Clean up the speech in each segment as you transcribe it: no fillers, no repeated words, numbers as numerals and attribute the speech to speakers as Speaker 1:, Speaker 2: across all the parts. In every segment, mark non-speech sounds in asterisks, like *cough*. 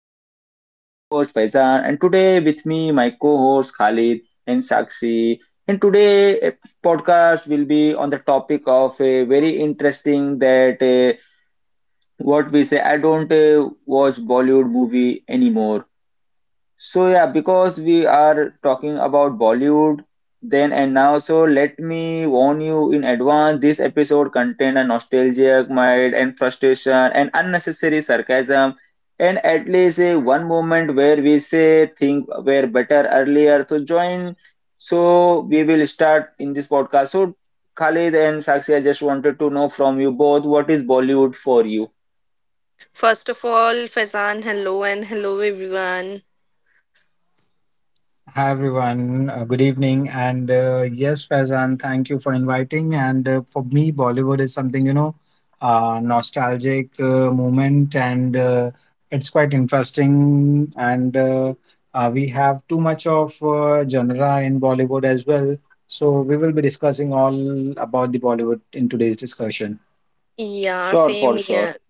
Speaker 1: podcast. I am your host Faizan, and today with me my co-host Khalid and Sakshi. And today, podcast will be on the topic of a very interesting that what we say. I don't watch Bollywood movie anymore so yeah, because we are talking about Bollywood then and now, so let me warn you in advance, this episode contain a nostalgic mind and frustration and unnecessary sarcasm and at least a one moment where we say things were better earlier. So join. So we will start in this podcast. So Khalid and Sakshi, I just wanted to know from you both, what is Bollywood for you?
Speaker 2: First of all, Faizan, hello and hello everyone.
Speaker 3: Hi everyone, good evening. And Yes, Faizan, thank you for inviting. And For me, Bollywood is something, you know, nostalgic moment, and it's quite interesting. And We have too much of genre in Bollywood as well. So we will be discussing all about the Bollywood in today's discussion.
Speaker 2: Yeah,
Speaker 1: Sure, for
Speaker 2: same
Speaker 1: sure.
Speaker 2: here.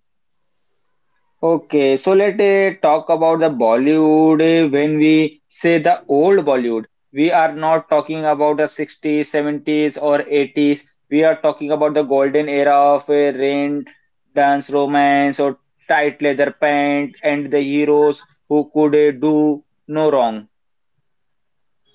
Speaker 1: Okay, so let talk about the Bollywood. When we say the old Bollywood, we are not talking about the 60s, 70s, or 80s. We are talking about the golden era of rain, dance, romance, or tight leather pant, and the heroes who could do no wrong.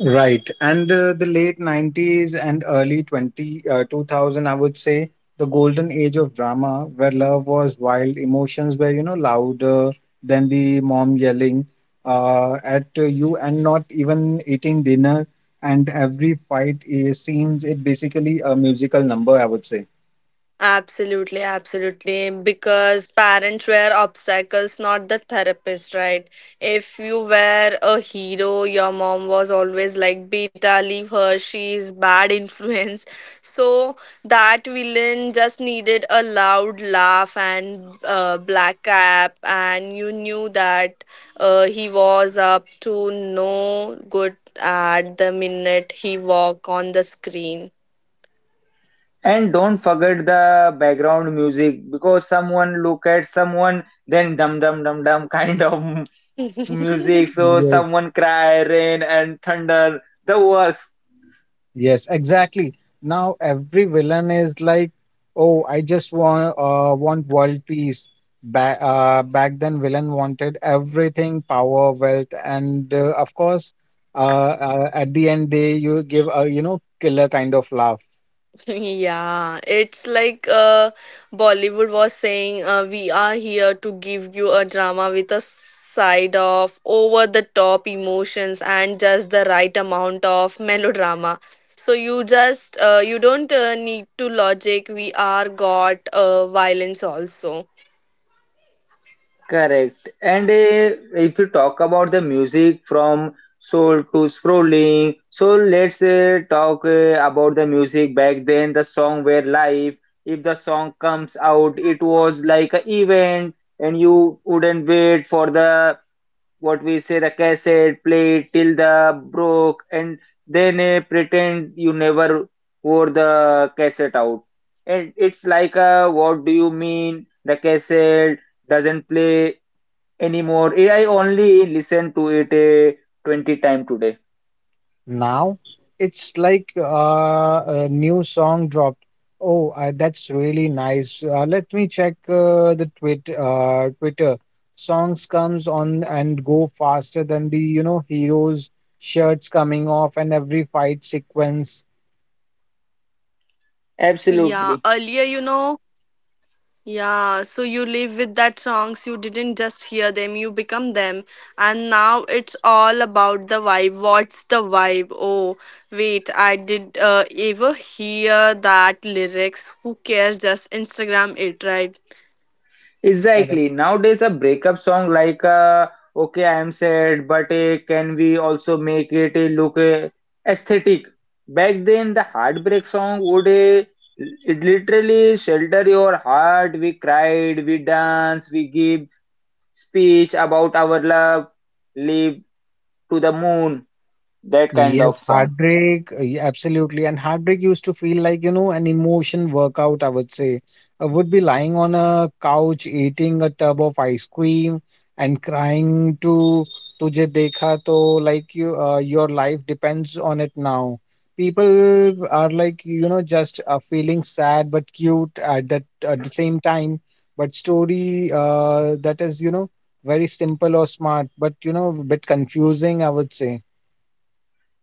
Speaker 3: Right. And The late 90s and early 2000, I would say, the golden age of drama where love was wild, emotions were, you know, louder than the mom yelling at you and not even eating dinner. And every fight is, seems it basically a musical number, I would say.
Speaker 2: Absolutely, absolutely. Because parents were obstacles, not the therapist, right? If you were a hero, your mom was always like, Beta, leave her, she's bad influence. *laughs* So that villain just needed a loud laugh and black cap, and you knew that he was up to no good at the minute he walked on the screen.
Speaker 1: And don't forget the background music because someone look at someone, then dum dum dum dum kind of *laughs* music, so someone cry, rain and thunder, the works.
Speaker 3: Yes, exactly. Now every villain is like, "Oh, I just want world peace." Back then, villain wanted everything: power, wealth, and of course, at the end, they you give a killer kind of laugh.
Speaker 2: *laughs* Yeah, it's like Bollywood was saying, we are here to give you a drama with a side of over the top emotions and just the right amount of melodrama. So you don't need to logic. We are got violence also.
Speaker 1: Correct. And If you talk about the music from soul to scrolling, so let's talk about the music back then. The song were live. If the song comes out, it was like an event, and you wouldn't wait for the what we say the cassette, play it till the broke, and then pretend you never wore the cassette out. And it's like, what do you mean? The cassette doesn't play anymore. I only listen to it 20 times today.
Speaker 3: Now it's like a new song dropped. Oh, that's really nice. Let me check the Twitter. Songs comes on and go faster than the heroes' shirts coming off and every fight sequence.
Speaker 2: Yeah,
Speaker 1: Absolutely.
Speaker 2: earlier, you know, yeah, so you live with that songs, you didn't just hear them, you become them. And now it's all about the vibe. What's the vibe? Oh, wait, I did ever hear that lyrics. Who cares? Just Instagram it, right?
Speaker 3: Correct.
Speaker 1: Exactly. Nowadays, a breakup song like "Okay, I'm sad," but can we also make it look aesthetic? Back then, the heartbreak song would it literally shelter your heart. We cried, we danced, we give speech about our love, live to the moon. That kind of
Speaker 3: Yes,
Speaker 1: song.
Speaker 3: heartbreak, yeah, absolutely. And heartbreak used to feel like, an emotion workout, I would say. I would be lying on a couch, eating a tub of ice cream and crying to Tujhe Dekha To, like your life depends on it now. People are like, just feeling sad but cute at the same time. But story that is, very simple or smart, but, a bit confusing, I would say.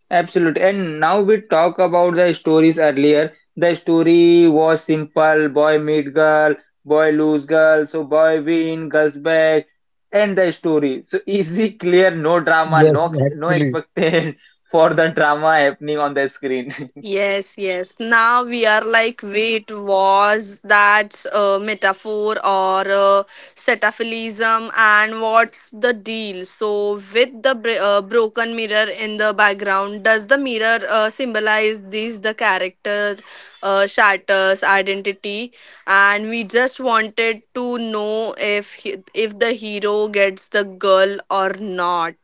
Speaker 1: Absolutely. And now we talk about the stories earlier. The story was simple boy meet girl, boy lose girl, so boy win, girls back. End the story. So *laughs* easy, clear, no drama,
Speaker 3: Yes,
Speaker 1: no
Speaker 3: actually.
Speaker 1: expectation *laughs* for the drama happening on the screen.
Speaker 2: Yes, yes. Now we are like, wait, was that a metaphor or a setaphilism? And what's the deal? So, with the broken mirror in the background, does the mirror symbolize these the character shatters identity? And we just wanted to know if the hero gets the girl or not.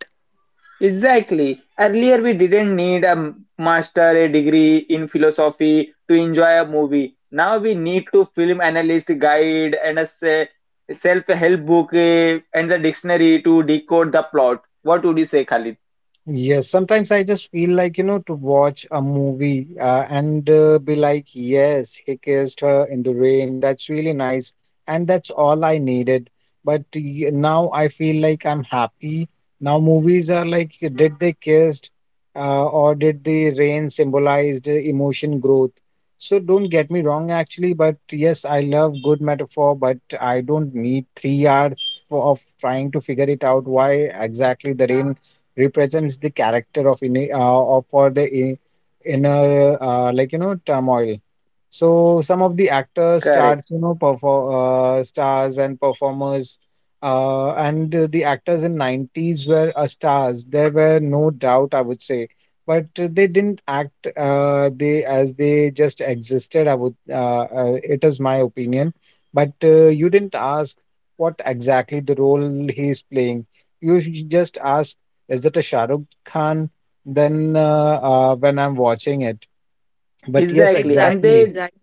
Speaker 1: Exactly. Earlier, we didn't need a master, a degree in philosophy to enjoy a movie. Now we need to film analyst guide and a self-help book and the dictionary to decode the plot. What would you say, Khalid?
Speaker 3: Yes, sometimes I just feel like, to watch a movie and be like, yes, he kissed her in the rain. That's really nice. And that's all I needed. But now I feel like I'm happy. Now movies are like, did they kissed or did the rain symbolized emotion growth? So don't get me wrong, actually. But yes, I love good metaphor, but I don't need 3 hours of trying to figure it out why exactly the rain represents the character of in of for the inner turmoil. So some of the actors,
Speaker 1: Correct.
Speaker 3: stars, perform stars and performers, and the actors in 90s were stars. There were no doubt, I would say, but they didn't act they as they just existed. I would. It is my opinion, but you didn't ask what exactly the role he is playing. You just asked, is it a Shah Rukh Khan? Then when I'm watching it, but yes,
Speaker 1: Exactly.
Speaker 2: Exactly,
Speaker 1: And
Speaker 3: exactly.
Speaker 1: they.
Speaker 2: exactly.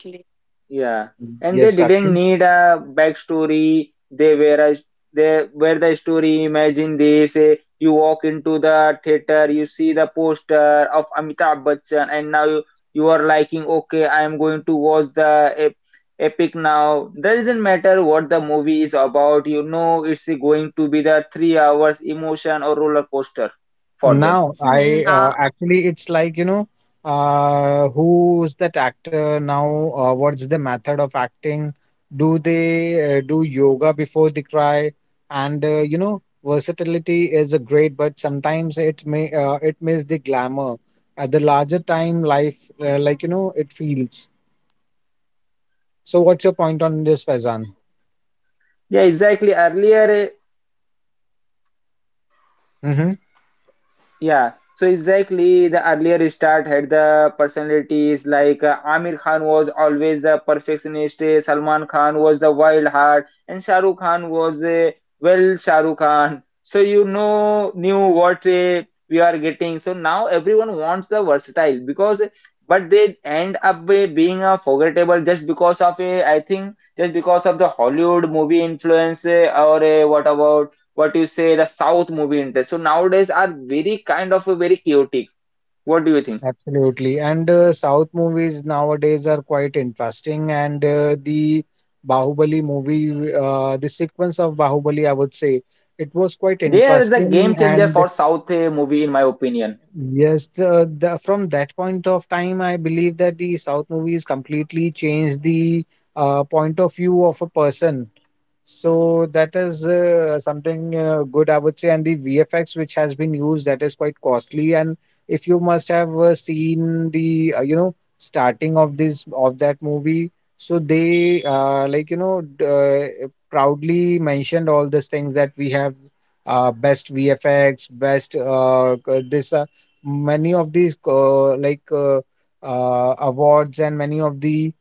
Speaker 1: Yeah, and they
Speaker 3: Yes,
Speaker 1: didn't
Speaker 3: actually.
Speaker 1: need a backstory. They were a, they were the story. Imagine this: you walk into the theater, you see the poster of Amitabh Bachchan, and now you are liking, okay, I am going to watch the epic now. That doesn't matter what the movie is about. You know, it's going to be the 3 hours emotion or roller coaster for them.
Speaker 3: Now, I
Speaker 2: Nah.
Speaker 3: actually, it's like, who's that actor now? What's the method of acting? Do they do yoga before they cry? And versatility is a great, but sometimes it misses the glamour at the larger time life, like, you know, it feels. So, what's your point on this, Faizan?
Speaker 1: Yeah, exactly. Earlier,
Speaker 3: Mm-hmm.
Speaker 1: yeah, so exactly the earlier start had the personalities like Amir Khan was always the perfectionist, Salman Khan was the wild heart, and Shah Rukh Khan was the well Shah Rukh Khan. So you know knew what we are getting. So now everyone wants the versatile because but they end up being forgettable just because of I think just because of the Hollywood movie influence or what about what you say the south movie interest so nowadays are very kind of a very chaotic, what do you think?
Speaker 3: Absolutely. And South movies nowadays are quite interesting. And The Bahubali movie, the sequence of Bahubali, I would say, it was quite
Speaker 1: There is a game
Speaker 3: interesting.
Speaker 1: changer
Speaker 3: And
Speaker 1: for south movie, in my opinion.
Speaker 3: yes, from that point of time, I believe that the South movies completely changed the point of view of a person. So that is something good, I would say. And the VFX which has been used, that is quite costly. And if you must have seen the, starting of this of that movie, so they proudly mentioned all these things that we have best VFX, best c- this many of these awards and many of the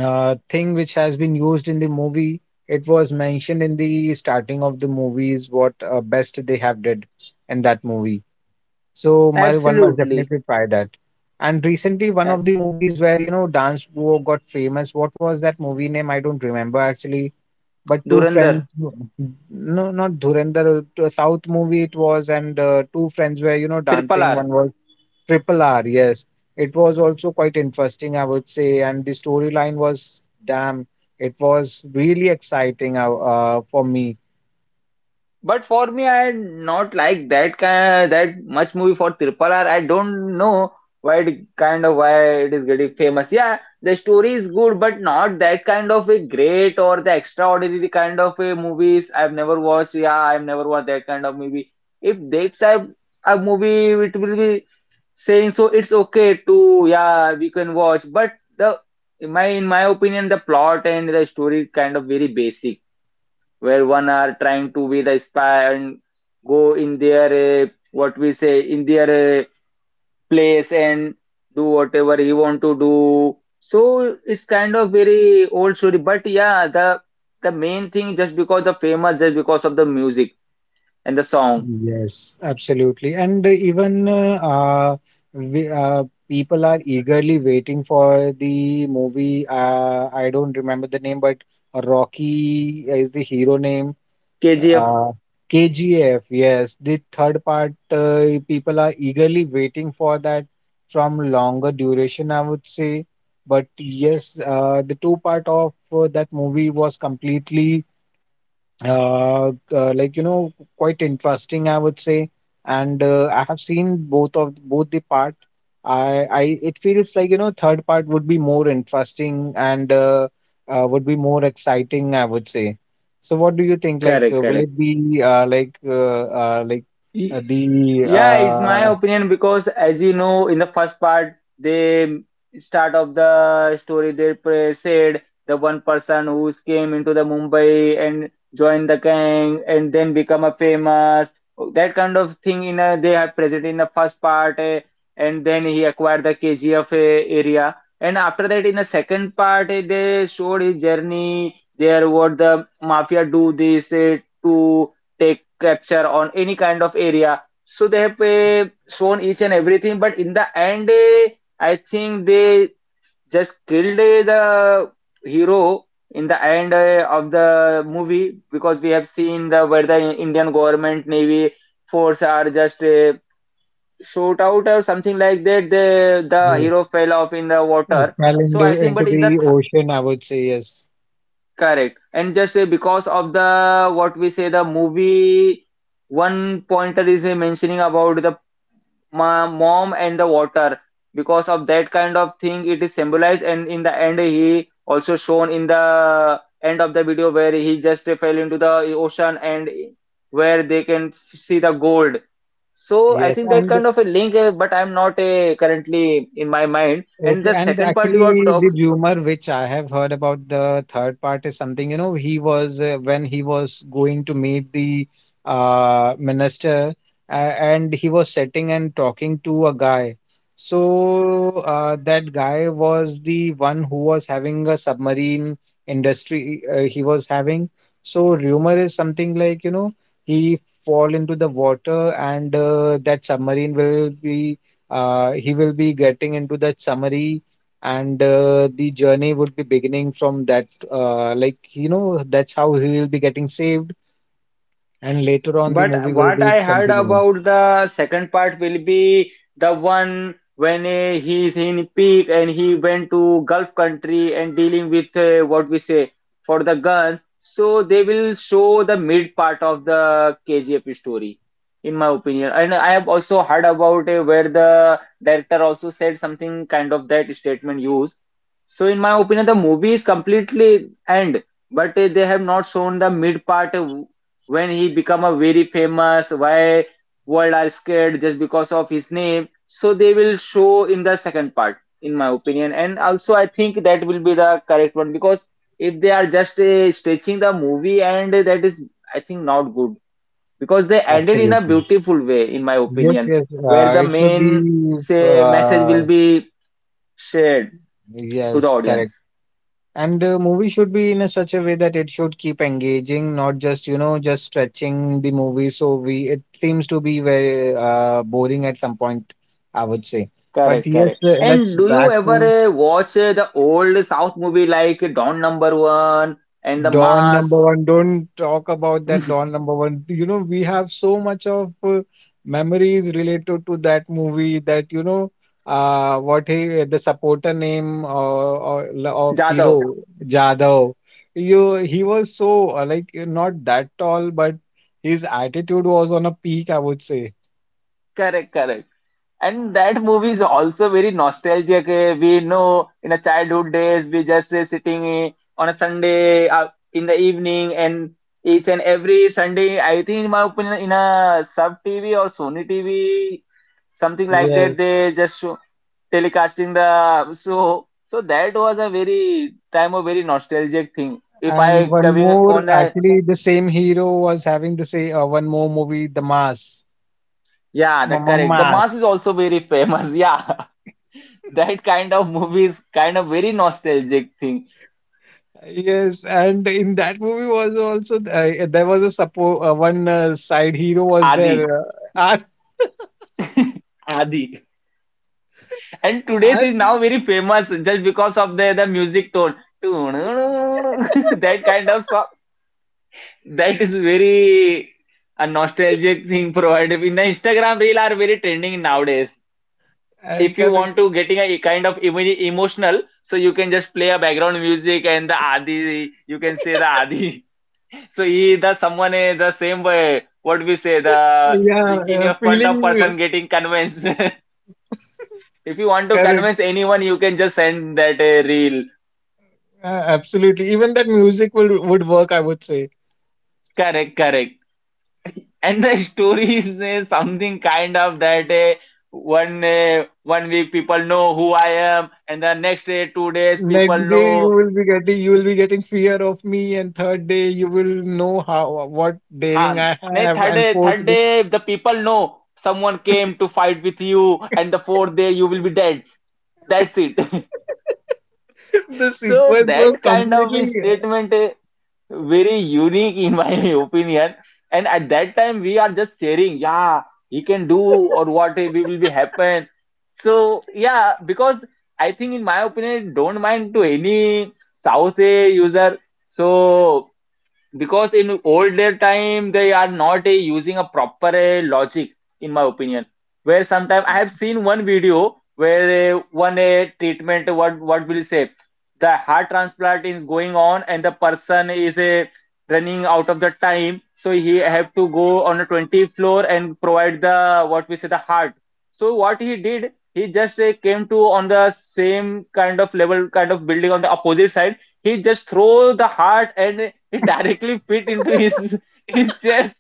Speaker 3: thing which has been used in the movie. It was mentioned in the starting of the movies what best they have did in that movie. So my one must
Speaker 1: Absolutely.
Speaker 3: definitely try that. And recently, one
Speaker 1: Uh,
Speaker 3: of the movies where dance duo got famous. What was that movie name? I don't remember actually. But two friends,
Speaker 1: Dhurandhar.
Speaker 3: no, not Dhurandhar, a South movie it was, and two friends were
Speaker 1: Triple
Speaker 3: dancing.
Speaker 1: R.
Speaker 3: One was RRR, yes. It was also quite interesting, I would say, and the storyline was damn, it was really exciting for me.
Speaker 1: But for me, I not like that kind that much movie for Triple R. I don't know why it kind of why it is getting famous. Yeah, the story is good, but not that kind of a great or the extraordinary kind of a movies. I've never watched. Yeah, I've never watched that kind of movie. If that type of movie, it will be saying so. It's okay to yeah, we can watch. But the in my opinion, the plot and the story kind of very basic where one are trying to be the spy and go in their what we say in their place and do whatever he want to do, so it's kind of very old story, but yeah the main thing just because the famous just because of the music and the song.
Speaker 3: Yes, absolutely. And Even people are eagerly waiting for the movie. I don't remember the name, but Rocky is the hero name.
Speaker 1: KGF.
Speaker 3: Uh, KGF, yes, the third part, people are eagerly waiting for that from longer duration, I would say. But yes, the two part of that movie was completely uh, uh, like you know quite interesting, I would say. And I have seen both the part. I i it feels like third part would be more interesting, and would be more exciting, I would say. So what do you think, like
Speaker 1: Correct,
Speaker 3: will
Speaker 1: correct.
Speaker 3: it be like the
Speaker 1: Yeah, it's my opinion because, as you know, in the first part, they start of the story. They said the one person who came into the Mumbai and joined the gang and then become a famous that kind of thing. In a, they have present in the first part, and then he acquired the KGF area. And after that, in the second part, they showed his journey. There, what the mafia do this to take capture on any kind of area, so they have shown each and everything, but in the end, I think they just killed the hero in the end of the movie because we have seen the where the Indian government navy force are just shot out or something like that. The
Speaker 3: yes,
Speaker 1: hero fell off in the
Speaker 3: it
Speaker 1: water.
Speaker 3: fell
Speaker 1: So I
Speaker 3: into
Speaker 1: think,
Speaker 3: into
Speaker 1: but in the
Speaker 3: the
Speaker 1: th
Speaker 3: ocean, I would say. Yes.
Speaker 1: correct and just because of the what we say the movie one pointer is mentioning about the my mom and the water because of that kind of thing it is symbolized and in the end he also shown in the end of the video where he just fell into the ocean and where they can see the gold, so I
Speaker 3: Yes.
Speaker 1: think that
Speaker 3: And
Speaker 1: kind of a link but I'm not currently in my mind and
Speaker 3: okay,
Speaker 1: the
Speaker 3: and
Speaker 1: second part you are
Speaker 3: actually,
Speaker 1: talk.
Speaker 3: the rumor which I have heard about the third part is something, you know, he was when he was going to meet the minister, and he was sitting and talking to a guy. So that guy was the one who was having a submarine industry. He was having. So rumor is something like, you know, he fall into the water, and that submarine will be he will be getting into that summary, and the journey would be beginning from that, that's how he will be getting saved, and later on the
Speaker 1: But
Speaker 3: movie will
Speaker 1: what
Speaker 3: be
Speaker 1: I heard
Speaker 3: continuing.
Speaker 1: about the second part will be the one when he is in peak and he went to Gulf country and dealing with what we say for the guns. So they will show the mid part of the KGF story, in my opinion. And I have also heard about where the director also said something kind of that statement used. So in my opinion, the movie is completely end, but they have not shown the mid part. When he become a very famous why world are scared just because of his name, so they will show in the second part, in my opinion, and also I think that will be the correct one because if they are just stretching the movie and that is I think not good because they ended in a
Speaker 3: Absolutely.
Speaker 1: beautiful way, in my
Speaker 3: Yes,
Speaker 1: opinion,
Speaker 3: yes,
Speaker 1: where the
Speaker 3: it should be,
Speaker 1: main say message
Speaker 3: uh,
Speaker 1: will be shared to
Speaker 3: yes,
Speaker 1: the
Speaker 3: correct.
Speaker 1: audience.
Speaker 3: And movie should be in a such a way that it should keep engaging, not just, just stretching the movie. So we it seems to be very boring at some point, I would say. But
Speaker 1: Correct,
Speaker 3: yes,
Speaker 1: correct.
Speaker 3: let's
Speaker 1: And do you
Speaker 3: back to
Speaker 1: ever watch the old South movie like Don Number One and The
Speaker 3: Don number
Speaker 1: Mass?
Speaker 3: one, don't talk about that Don number one. You know, we have so much of memories related to that movie that, what he, the supporter name or,
Speaker 1: *laughs*
Speaker 3: of hero
Speaker 1: Jadao.
Speaker 3: Jadhav. He was so like not that tall, but his attitude was on a peak, I would say.
Speaker 1: Correct, correct. And that movie is also very nostalgic. We know in a childhood days, we just sitting on a Sunday in the evening, and each and every Sunday, I think in my opinion, in a sub TV or Sony TV, something like
Speaker 3: Yes.
Speaker 1: that, they just show telecasting the so so that was a very time of very nostalgic thing. If I
Speaker 3: And one
Speaker 1: coming
Speaker 3: more,
Speaker 1: on a
Speaker 3: actually, the same hero was having the same one more movie, The Mass.
Speaker 1: yeah, the
Speaker 3: Mama.
Speaker 1: correct. The mass is also very famous. *laughs* Yeah. That kind of movies, kind of very nostalgic thing.
Speaker 3: Yes, and in that movie was also there was a support one side hero was
Speaker 1: Adi.
Speaker 3: there. Art,
Speaker 1: *laughs* Adi. And today's
Speaker 3: Art,
Speaker 1: is now very famous just because of the music tone. *laughs* That kind of song. That is very a nostalgic thing provided. In the Instagram reel are very trending nowadays. If you
Speaker 3: correct.
Speaker 1: want to getting a kind of emotional, so you can just play a background music and the Adi. You can say the Adi. So he, the someone is the same way. What we say, the
Speaker 3: Yeah,
Speaker 1: in your front of
Speaker 3: feeling,
Speaker 1: person getting convinced. *laughs* If you want to
Speaker 3: correct.
Speaker 1: convince anyone, you can just send that a reel.
Speaker 3: Absolutely. Even that music would work, I would say.
Speaker 1: Correct, correct. And the *laughs* story is something kind of that 1 week people know who I am, and the next day 2 days people
Speaker 3: Next day you
Speaker 1: know.
Speaker 3: will be getting, fear of me, and third day you will know how, what daring
Speaker 1: Huh.
Speaker 3: I
Speaker 1: Nay,
Speaker 3: have,
Speaker 1: third
Speaker 3: and
Speaker 1: day,
Speaker 3: fourth
Speaker 1: third
Speaker 3: day
Speaker 1: day the people know someone came to fight with you, and the fourth day you will be dead. That's it. *laughs*
Speaker 3: *laughs* the
Speaker 1: So
Speaker 3: sequence was
Speaker 1: that kind of a
Speaker 3: completely.
Speaker 1: statement very unique in my *laughs* opinion. And at that time we are just sharing, yeah, he can do or what we will be happen. So yeah, because I think in my opinion, don't mind to any South user. So because in older time they are not using a proper a logic in my opinion, where sometimes I have seen one video where one a treatment, what will you say, the heart transplant is going on and the person is a running out of the time, so he have to go on a 20th floor and provide the, what we say, the heart. So what he did, he just came to on the same kind of level, kind of building on the opposite side. He just throw the heart and *laughs* it directly fit into his chest.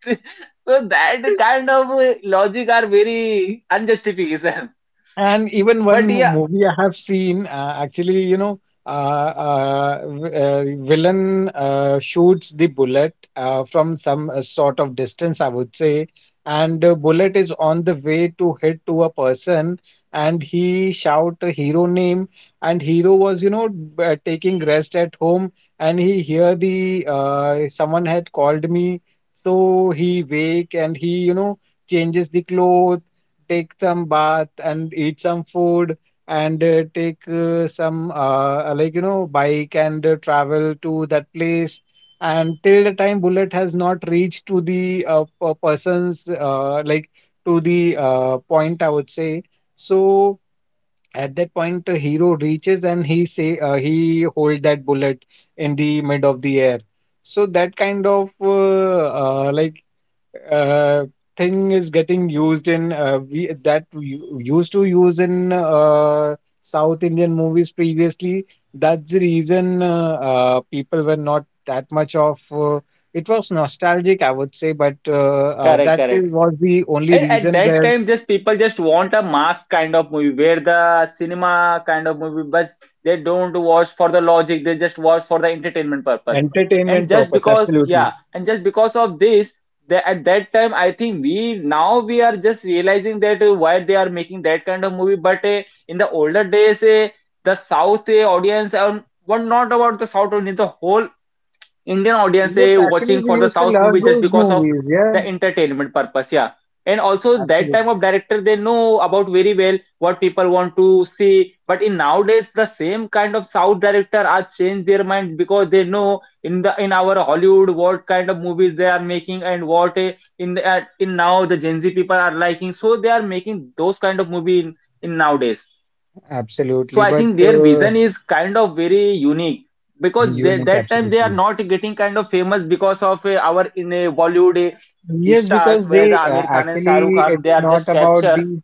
Speaker 1: So that kind of logic are very unjustification.
Speaker 3: And even one
Speaker 1: But yeah,
Speaker 3: movie I have seen, actually, villain shoots the bullet from some sort of distance, I would say, and bullet is on the way to hit to a person, and he shout a hero name, and hero was, taking rest at home, and he hear the someone had called me, so he wake and he, you know, changes the clothes, take some bath and eat some food, and take some, bike, and travel to that place, and till the time bullet has not reached to the person's, to the point, I would say. So at that point the hero reaches and he say, he hold that bullet in the mid of the air. So that kind of uh, thing is getting used in we used to use in South Indian movies previously. That's the reason people were not that much of. It was nostalgic, I would say, but
Speaker 1: correct,
Speaker 3: that is,
Speaker 1: correct.
Speaker 3: was the only
Speaker 1: And at
Speaker 3: reason
Speaker 1: that
Speaker 3: where
Speaker 1: time, just people just want a mass kind of movie, where the cinema kind of movie, but they don't watch for the logic, they just watch for the entertainment purpose. And
Speaker 3: entertainment
Speaker 1: just
Speaker 3: purpose.
Speaker 1: because,
Speaker 3: Absolutely.
Speaker 1: yeah, and just because of this, the, at that time, I think we now we are just realizing that why they are making that kind of movie. But in the older days, the South audience, were not about the South audience, the whole Indian audience
Speaker 3: Yes,
Speaker 1: watching
Speaker 3: actually, we
Speaker 1: for the
Speaker 3: used to
Speaker 1: South movie
Speaker 3: love
Speaker 1: just
Speaker 3: those
Speaker 1: because of
Speaker 3: movies.
Speaker 1: the
Speaker 3: Yeah,
Speaker 1: entertainment purpose. Yeah. And also that type
Speaker 3: absolutely,
Speaker 1: of director, they know about very well what people want to see. But in nowadays the same kind of South director are change their mind, because they know in the in our Hollywood what kind of movies they are making, and what in the, in now the Gen Z people are liking. So they are making those kind of movie in nowadays. So
Speaker 3: absolutely.
Speaker 1: I
Speaker 3: But
Speaker 1: think their vision is kind of very unique, because they,
Speaker 3: unique,
Speaker 1: that time they are
Speaker 3: absolutely.
Speaker 1: not getting kind of famous because of our in a Bollywood
Speaker 3: Yes,
Speaker 1: stars,
Speaker 3: because
Speaker 1: where the
Speaker 3: they
Speaker 1: Amir Khan and Shahrukh
Speaker 3: actually
Speaker 1: Khan
Speaker 3: it's
Speaker 1: they are
Speaker 3: not
Speaker 1: just
Speaker 3: about
Speaker 1: capture.
Speaker 3: the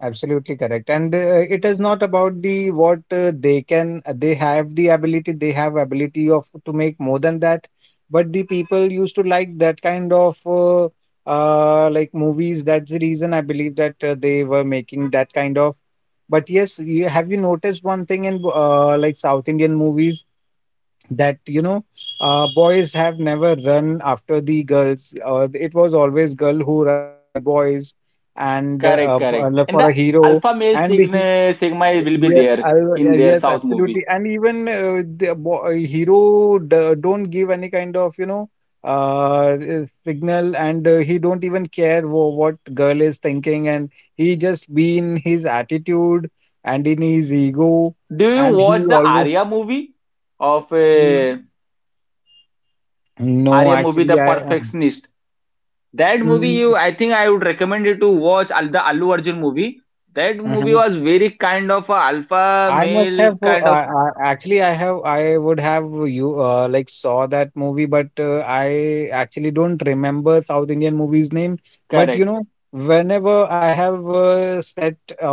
Speaker 3: absolutely correct, and it is not about the what they can, they have the ability, they have ability of to make more than that, but the people used to like that kind of like movies. That's the reason I believe that they were making that kind of. But yes, have you noticed one thing in like South Indian movies? That you know Boys have never run after the girls. Uh, it was always girl who run after the boys, and
Speaker 1: Correct, correct. And the
Speaker 3: for a hero.
Speaker 1: alpha male
Speaker 3: and the, he-
Speaker 1: sigma will be
Speaker 3: yeah,
Speaker 1: there in their
Speaker 3: yes,
Speaker 1: South
Speaker 3: absolutely.
Speaker 1: movie.
Speaker 3: And even hero don't give any kind of signal, and he don't even care what girl is thinking, and he just be in his attitude and in his ego.
Speaker 1: Do you
Speaker 3: And he
Speaker 1: watch the
Speaker 3: always
Speaker 1: Arya movie of
Speaker 3: mm, no,
Speaker 1: Arya movie The
Speaker 3: actually,
Speaker 1: Perfectionist? That movie, you,
Speaker 3: mm,
Speaker 1: I think I would recommend you to watch the Allu Arjun movie. That movie
Speaker 3: mhm.
Speaker 1: was very kind of a alpha
Speaker 3: I must
Speaker 1: male
Speaker 3: have
Speaker 1: kind of.
Speaker 3: actually I would have you like saw that movie, but I actually don't remember South Indian movie's name. But
Speaker 1: Correct.
Speaker 3: you know, whenever I have sat uh,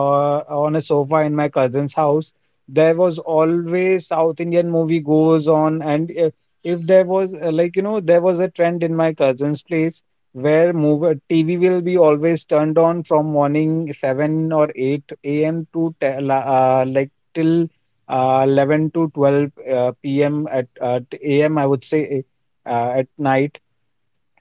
Speaker 3: on a sofa in my cousin's house, there was always South Indian movie goes on, and if there was like you know, there was a trend in my cousin's place where movie TV will be always turned on from morning 7 or 8 a.m. Like till 11 to 12 p.m. A.m. I would say, at night.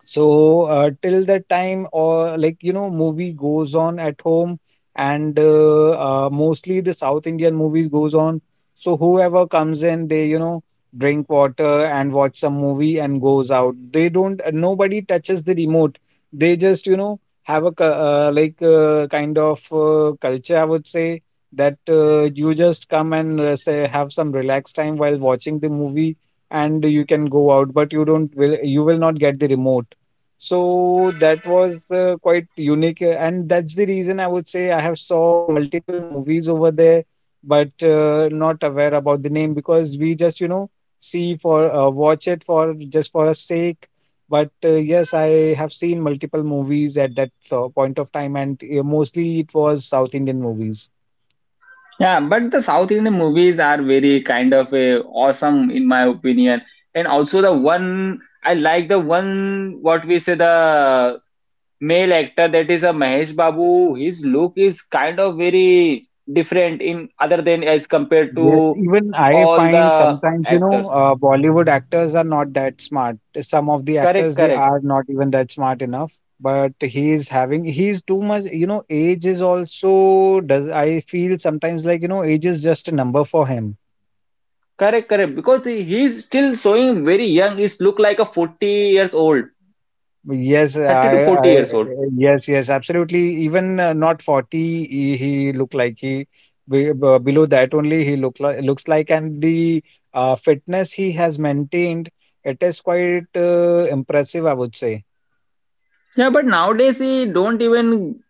Speaker 3: So till that time, or like you know, movie goes on at home, and mostly the south indian movies goes on. So whoever comes in, they you know, drink water and watch some movie and goes out. They don't nobody touches the remote. They just you know have like kind of culture, I would say, that you just come and say have some relaxed time while watching the movie, and you can go out, but you will not get the remote. So that was quite unique, and that's the reason I would say I have saw multiple movies over there, but not aware about the name, because we just you know see for watch it for just for a sake. But yes, I have seen multiple movies at that point of time, and mostly it was South Indian movies.
Speaker 1: Yeah, but the South Indian movies are very kind of a awesome in my opinion. And also the one I like, the one, what we say, the male actor, that is a Mahesh Babu. His look is kind of very different in other than as compared to
Speaker 3: Yes, even I
Speaker 1: all the
Speaker 3: find sometimes, you know,
Speaker 1: actors.
Speaker 3: Bollywood actors are not that smart. Some of the
Speaker 1: Correct,
Speaker 3: actors, they
Speaker 1: correct.
Speaker 3: are not even that smart enough, but he is having, he's too much, you know, age is also, does, I feel sometimes like, you know, age is just a number for him.
Speaker 1: Correct, correct. Because he is still showing very young. He's look like a 40 years old,
Speaker 3: Yes,
Speaker 1: 30 to
Speaker 3: I,
Speaker 1: 40
Speaker 3: I,
Speaker 1: years old.
Speaker 3: yes, yes, absolutely. Even not 40, he look like below that only he looks like, and the fitness he has maintained, it is quite impressive, I would say.
Speaker 1: Yeah, but nowadays he don't even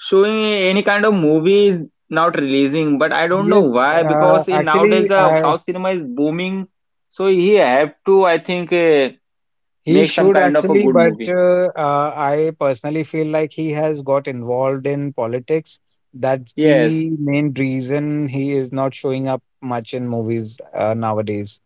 Speaker 1: showing any kind of movies, not releasing. But I don't know
Speaker 3: Yes,
Speaker 1: why,
Speaker 3: uh,
Speaker 1: because in nowadays
Speaker 3: actually,
Speaker 1: the
Speaker 3: I,
Speaker 1: South cinema is booming. So he have to, I think,
Speaker 3: he
Speaker 1: make some
Speaker 3: should
Speaker 1: kind of a
Speaker 3: actually,
Speaker 1: good
Speaker 3: but
Speaker 1: movie.
Speaker 3: I personally feel like he has got involved in politics. That's
Speaker 1: Yes.
Speaker 3: the main reason he is not showing up much in movies nowadays.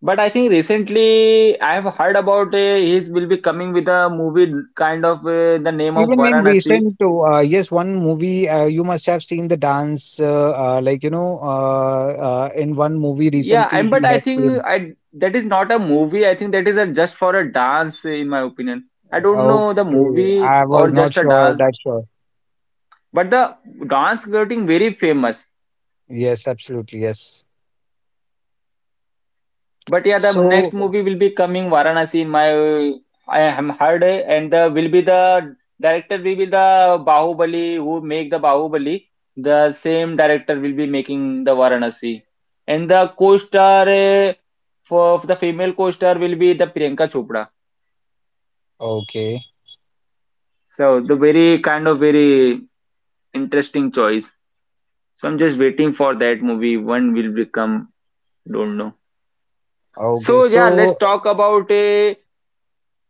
Speaker 1: But I think recently I have heard about his will be coming with a movie, kind of the name of
Speaker 3: Even in
Speaker 1: Varanasi.
Speaker 3: recent, to yes, one movie you must have seen the dance, like you know, in one movie
Speaker 1: Yeah,
Speaker 3: recently
Speaker 1: and but
Speaker 3: he
Speaker 1: I
Speaker 3: had came.
Speaker 1: think I that is not a movie. I think that is a just for a dance, in my opinion. I don't know the
Speaker 3: Okay,
Speaker 1: movie
Speaker 3: I
Speaker 1: or
Speaker 3: was not
Speaker 1: just a
Speaker 3: sure
Speaker 1: dance,
Speaker 3: that sure.
Speaker 1: but the dance getting very famous.
Speaker 3: Yes, absolutely, yes.
Speaker 1: But yeah, the next
Speaker 3: So
Speaker 1: movie will be coming Varanasi in my. I am heard, and the will be the director will be the Bahubali who make the Bahubali. The same director will be making the Varanasi, and the co-star for the female co-star will be the Priyanka Chopra.
Speaker 3: okay,
Speaker 1: So the very kind of very interesting choice. So I'm just waiting for that movie. When will become? Don't know.
Speaker 3: okay,
Speaker 1: So yeah,
Speaker 3: so
Speaker 1: let's talk about a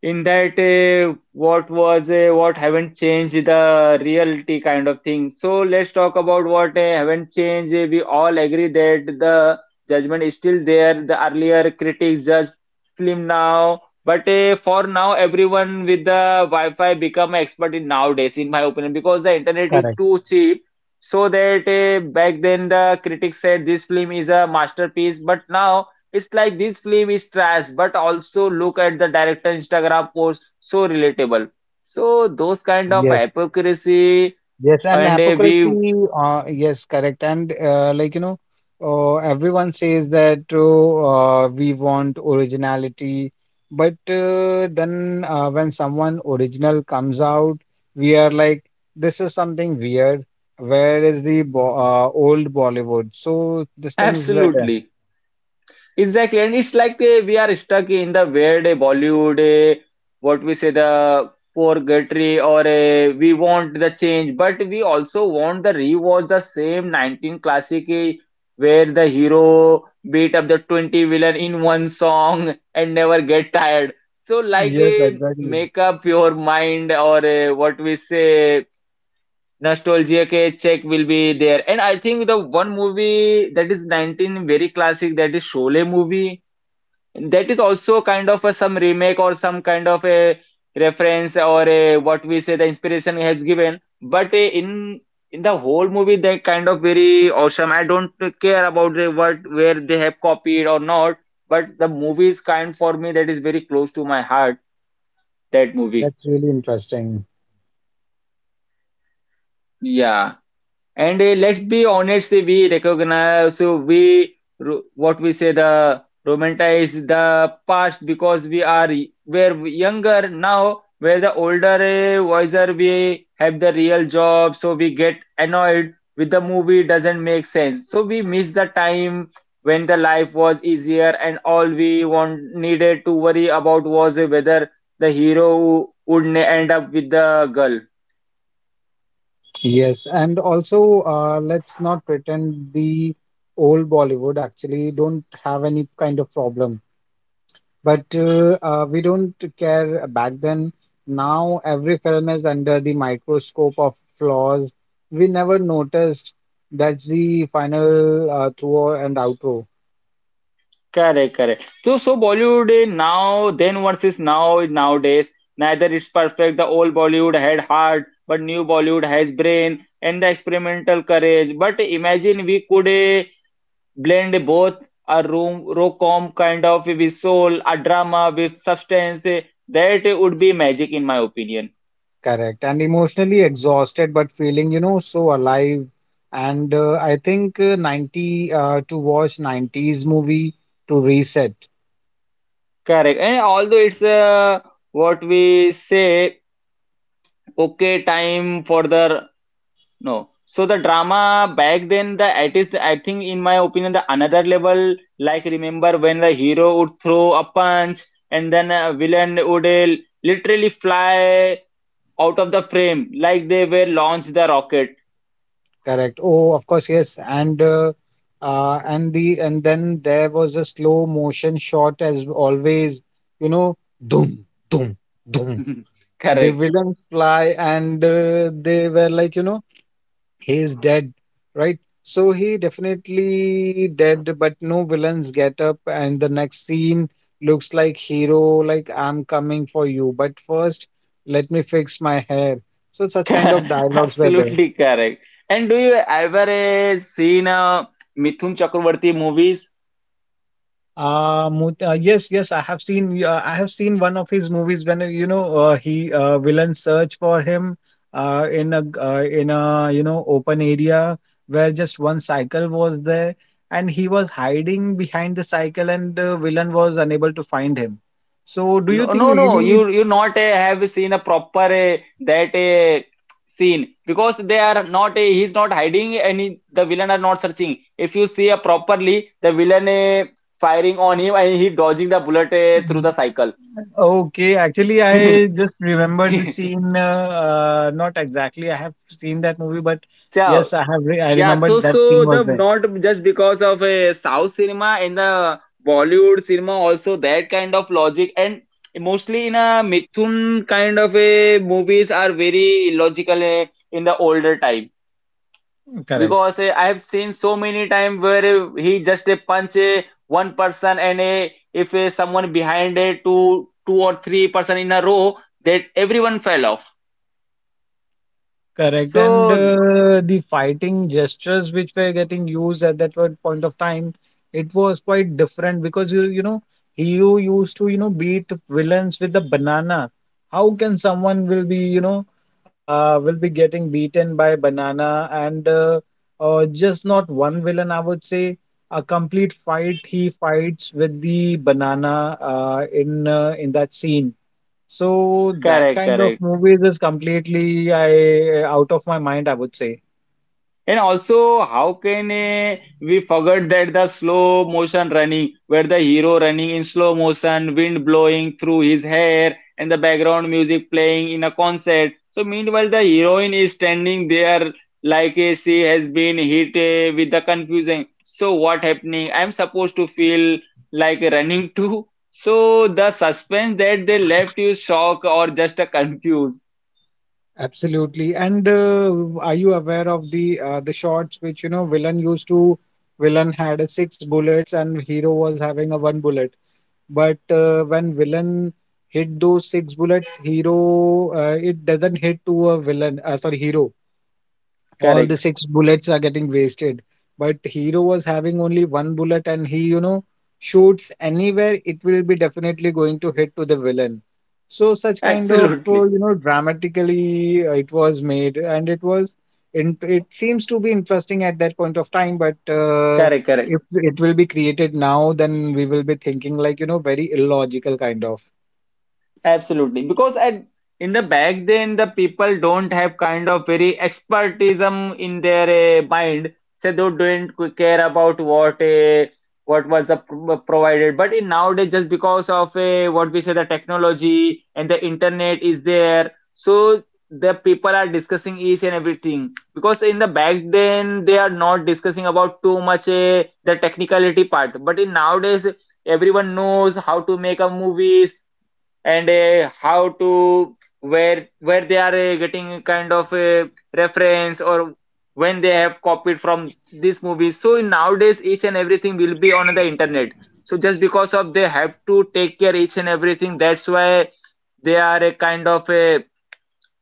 Speaker 1: in that what was what haven't changed, the reality kind of thing. So let's talk about what haven't changed. We all agree that the judgment is still there, the earlier critics judge film now, but for now everyone with the wi-fi become expert in nowadays, in my opinion, because the internet is
Speaker 3: correct.
Speaker 1: too cheap. So that back then the critics said this film is a masterpiece, but now it's like this film is trash, but also look at the director Instagram post, so relatable. So those kind of
Speaker 3: Yes.
Speaker 1: hypocrisy,
Speaker 3: Yes, and
Speaker 1: and a we.
Speaker 3: hypocrisy, yes, correct. And like, you know, everyone says that oh, we want originality, but then when someone original comes out, we are like, this is something weird. Where is the bo old Bollywood? So these
Speaker 1: *laughs*
Speaker 3: things were there.
Speaker 1: Absolutely. Exactly, and it's like we are stuck in the weird Bollywood, what we say, the purgatory, or we want the change, but we also want the rewatch the same 19 classic, where the hero beat up the 20 villain in one song and never get tired. So, like,
Speaker 3: Yes, exactly.
Speaker 1: make up your mind, or what we say, nostalgia ke check will be there. And I think the one movie that is 19 very classic, that is Sholay movie, that is also kind of a some remake or some kind of a reference, or a what we say the inspiration has given, but in the whole movie they kind of very awesome. I don't care about the what where they have copied or not, but the movie is kind for me, that is very close to my heart, that movie.
Speaker 3: That's really interesting.
Speaker 1: Yeah. And let's be honest, we recognize, so we what we say the romanticize the past, because we're younger now. We're the older, wiser. We have the real job, so we get annoyed with the movie doesn't make sense. So we miss the time when the life was easier, and all we want needed to worry about was whether the hero would end up with the girl.
Speaker 3: Yes, and also let's not pretend the old Bollywood actually don't have any kind of problem. But we don't care back then. Now every film is under the microscope of flaws. We never noticed that's the final through and outro,
Speaker 1: Correct, correct. So Bollywood now, then versus now, nowadays, neither it's perfect. The old Bollywood had heart, but new Bollywood has brain and the experimental courage. But imagine we could blend both a rom-com kind of with soul, a drama with substance. That would be magic, in my opinion.
Speaker 3: correct? And emotionally exhausted, but feeling you know so alive. And I think uh, 90 uh, to watch 90s movie to reset.
Speaker 1: Correct. And although it's what we say, okay, time for the. No. So the drama back then, the it is, I think, in my opinion, the another level. Like, remember when the hero would throw a punch and then a villain would literally fly out of the frame, like they were launched the rocket.
Speaker 3: Correct. Oh, of course, yes. And the and then there was a slow motion shot as always. You know, doom, doom, doom.
Speaker 1: *laughs*
Speaker 3: And the
Speaker 1: Correct.
Speaker 3: villain fly, and they were like, you know, he is dead, right? So he definitely dead, but no villains get up, and the next scene looks like hero, like I'm coming for you, but first let me fix my hair. So such kind of
Speaker 1: *laughs*
Speaker 3: dialogues were there.
Speaker 1: Absolutely correct. And do you ever seen Mithun Chakravarti movies?
Speaker 3: Yes, yes, I have seen. I have seen one of his movies when he villains search for him in a you know open area where just one cycle was there, and he was hiding behind the cycle, and the villain was unable to find him. So, do you
Speaker 1: No,
Speaker 3: think
Speaker 1: no, no.
Speaker 3: really?
Speaker 1: You not have seen a proper that a scene, because they are not a he's not hiding any the villain are not searching. If you see a properly, the villain firing on him, and he dodging the bullet through the cycle.
Speaker 3: Okay, actually, I
Speaker 1: *laughs*
Speaker 3: just remembered the scene. Not exactly, I have seen that movie, but yes,
Speaker 1: So
Speaker 3: I
Speaker 1: yeah, so
Speaker 3: remembered that scene
Speaker 1: so
Speaker 3: was
Speaker 1: the
Speaker 3: there.
Speaker 1: not just because of a South cinema, in the Bollywood cinema also that kind of logic, and mostly in a Mithun kind of a movies are very illogical, in the older time,
Speaker 3: Correct.
Speaker 1: because I have seen so many time where he just punch one person, and if someone behind two or three person in a row, that everyone fell off.
Speaker 3: Correct. And
Speaker 1: So
Speaker 3: the fighting gestures which were getting used at that point of time, it was quite different, because you know, hero used to you know beat villains with a banana. How can someone will be you know will be getting beaten by banana? And just not one villain, I would say, a complete fight he fights with the banana in that scene. So that
Speaker 1: correct,
Speaker 3: kind of
Speaker 1: correct.
Speaker 3: movies is completely I out of my mind, I would say.
Speaker 1: And also, how can we forget that the slow motion running, where the hero running in slow motion, wind blowing through his hair, and the background music playing in a concert. So, meanwhile, the heroine is standing there like she has been hit with the confusion. So, what happening? I'm supposed to feel like running too. So, the suspense that they left you shocked or just confused.
Speaker 3: Absolutely. And are you aware of the shots which you know villain used to villain had a six bullets and hero was having a one bullet. But when villain hit those six bullets, hero it doesn't hit to a villain sorry hero. All the
Speaker 1: Correct.
Speaker 3: six bullets are getting wasted. But hero was having only one bullet, and he, you know, shoots anywhere, it will be definitely going to hit to the villain. So, such kind of,
Speaker 1: Absolutely.
Speaker 3: you know, dramatically it was made, and it was, in, it seems to be interesting at that point of time. But
Speaker 1: Correct. Correct.
Speaker 3: if it will be created now, then we will be thinking like, you know, very illogical kind of.
Speaker 1: Absolutely, because at in the back then the people don't have kind of very expertism in their mind, so they don't care about what was the provided. But in nowadays, just because of what we say the technology and the internet is there, so the people are discussing each and everything. Because in the back then they are not discussing about too much the technicality part. But in nowadays, everyone knows how to make a movies and how to where they are getting kind of a reference, or when they have copied from this movie. So nowadays each and everything will be on the internet, so just because of they have to take care each and everything. That's why they are a kind of a,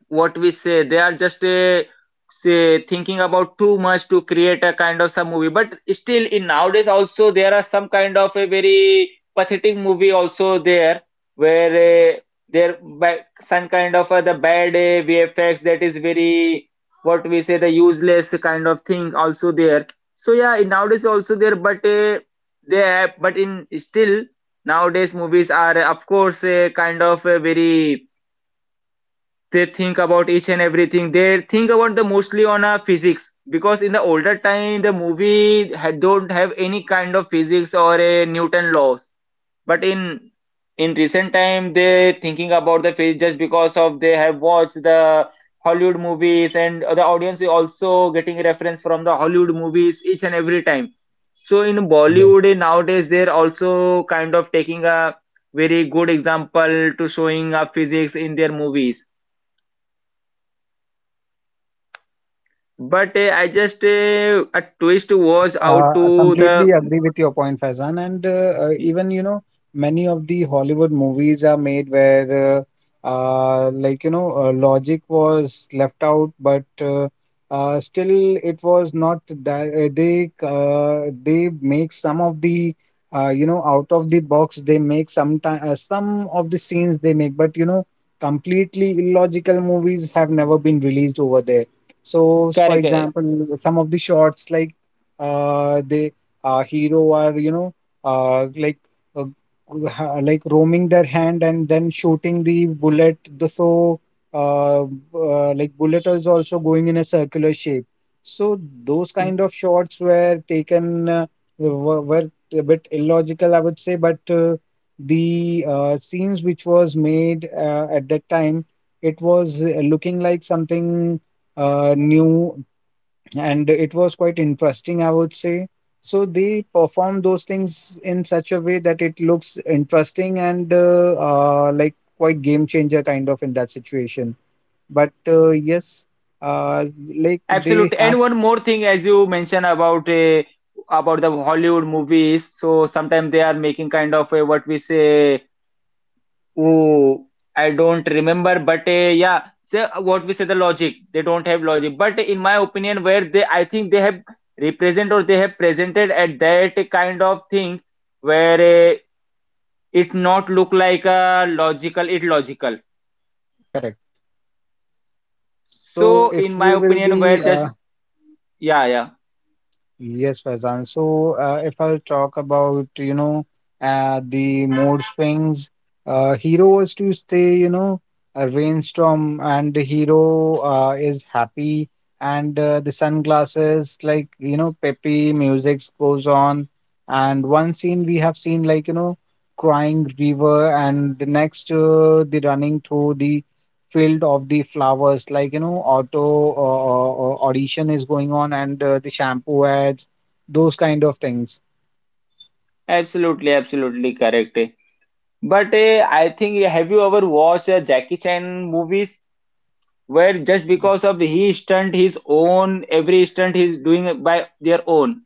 Speaker 1: what we say, they are just say thinking about too much to create a kind of some movie. But still in nowadays also there are some kind of a very pathetic movie also there where there by some kind of the bad VFX that is very, what we say, the useless kind of thing also there. So yeah, in nowadays also there, but they have. But in still nowadays movies are, of course, a kind of a very, they think about each and everything. They think about the mostly on a physics, because in the older time the movie had, don't have any kind of physics or a newton laws. But in recent time they thinking about the physics just because of they have watched the hollywood movies, and the audience is also getting reference from the hollywood movies each and every time. So in bollywood, nowadays they're also kind of taking a very good example to showing a physics in their movies. But I just a twist
Speaker 3: Yes,
Speaker 1: was out
Speaker 3: I
Speaker 1: to
Speaker 3: completely
Speaker 1: the
Speaker 3: agree with your point, Faizan. And even, you know, many of the Hollywood movies are made where, like, you know, logic was left out, but still it was not that they make some of the, you know, out of the box, they make some of the scenes they make, but, you know, completely illogical movies have never been released over there. So, for
Speaker 1: character.
Speaker 3: example, some of the shots like they hero are you know uh, like uh, *laughs* like roaming their hand and then shooting the bullet. The so Like bullet is also going in a circular shape. So those kind of shots were taken were a bit illogical, I would say, but the scenes which was made at that time, it was looking like something new, and it was quite interesting, I would say. So they perform those things in such a way that it looks interesting and like quite game changer kind of in that situation. But yes, uh, like they
Speaker 1: Absolutely.
Speaker 3: have
Speaker 1: And one more thing, as you mentioned about the Hollywood movies, so sometimes they are making kind of a, what we say. Oh, I don't remember, but yeah, so what we say the logic. They don't have logic, but in my opinion, where they, I think they have represent, or they have presented at that kind of thing where it not look like a logical it logical.
Speaker 3: correct. So
Speaker 1: So,
Speaker 3: if
Speaker 1: in my
Speaker 3: we will
Speaker 1: opinion, where
Speaker 3: be
Speaker 1: just yeah, yeah,
Speaker 3: yes, Faizan. So, if I'll talk about, you know, the mood swings, hero is to stay, you know, a rainstorm, and the hero is happy, and the sunglasses, like, you know, peppy music goes on. And one scene we have seen, like, you know, crying river, and the next, the running through the field of the flowers, like you know, auto audition is going on, and the shampoo ads, those kind of things.
Speaker 1: absolutely, absolutely correct. But I think, have you ever watched Jackie Chan movies, where just because of he stunt his own, every stunt he's doing by their own,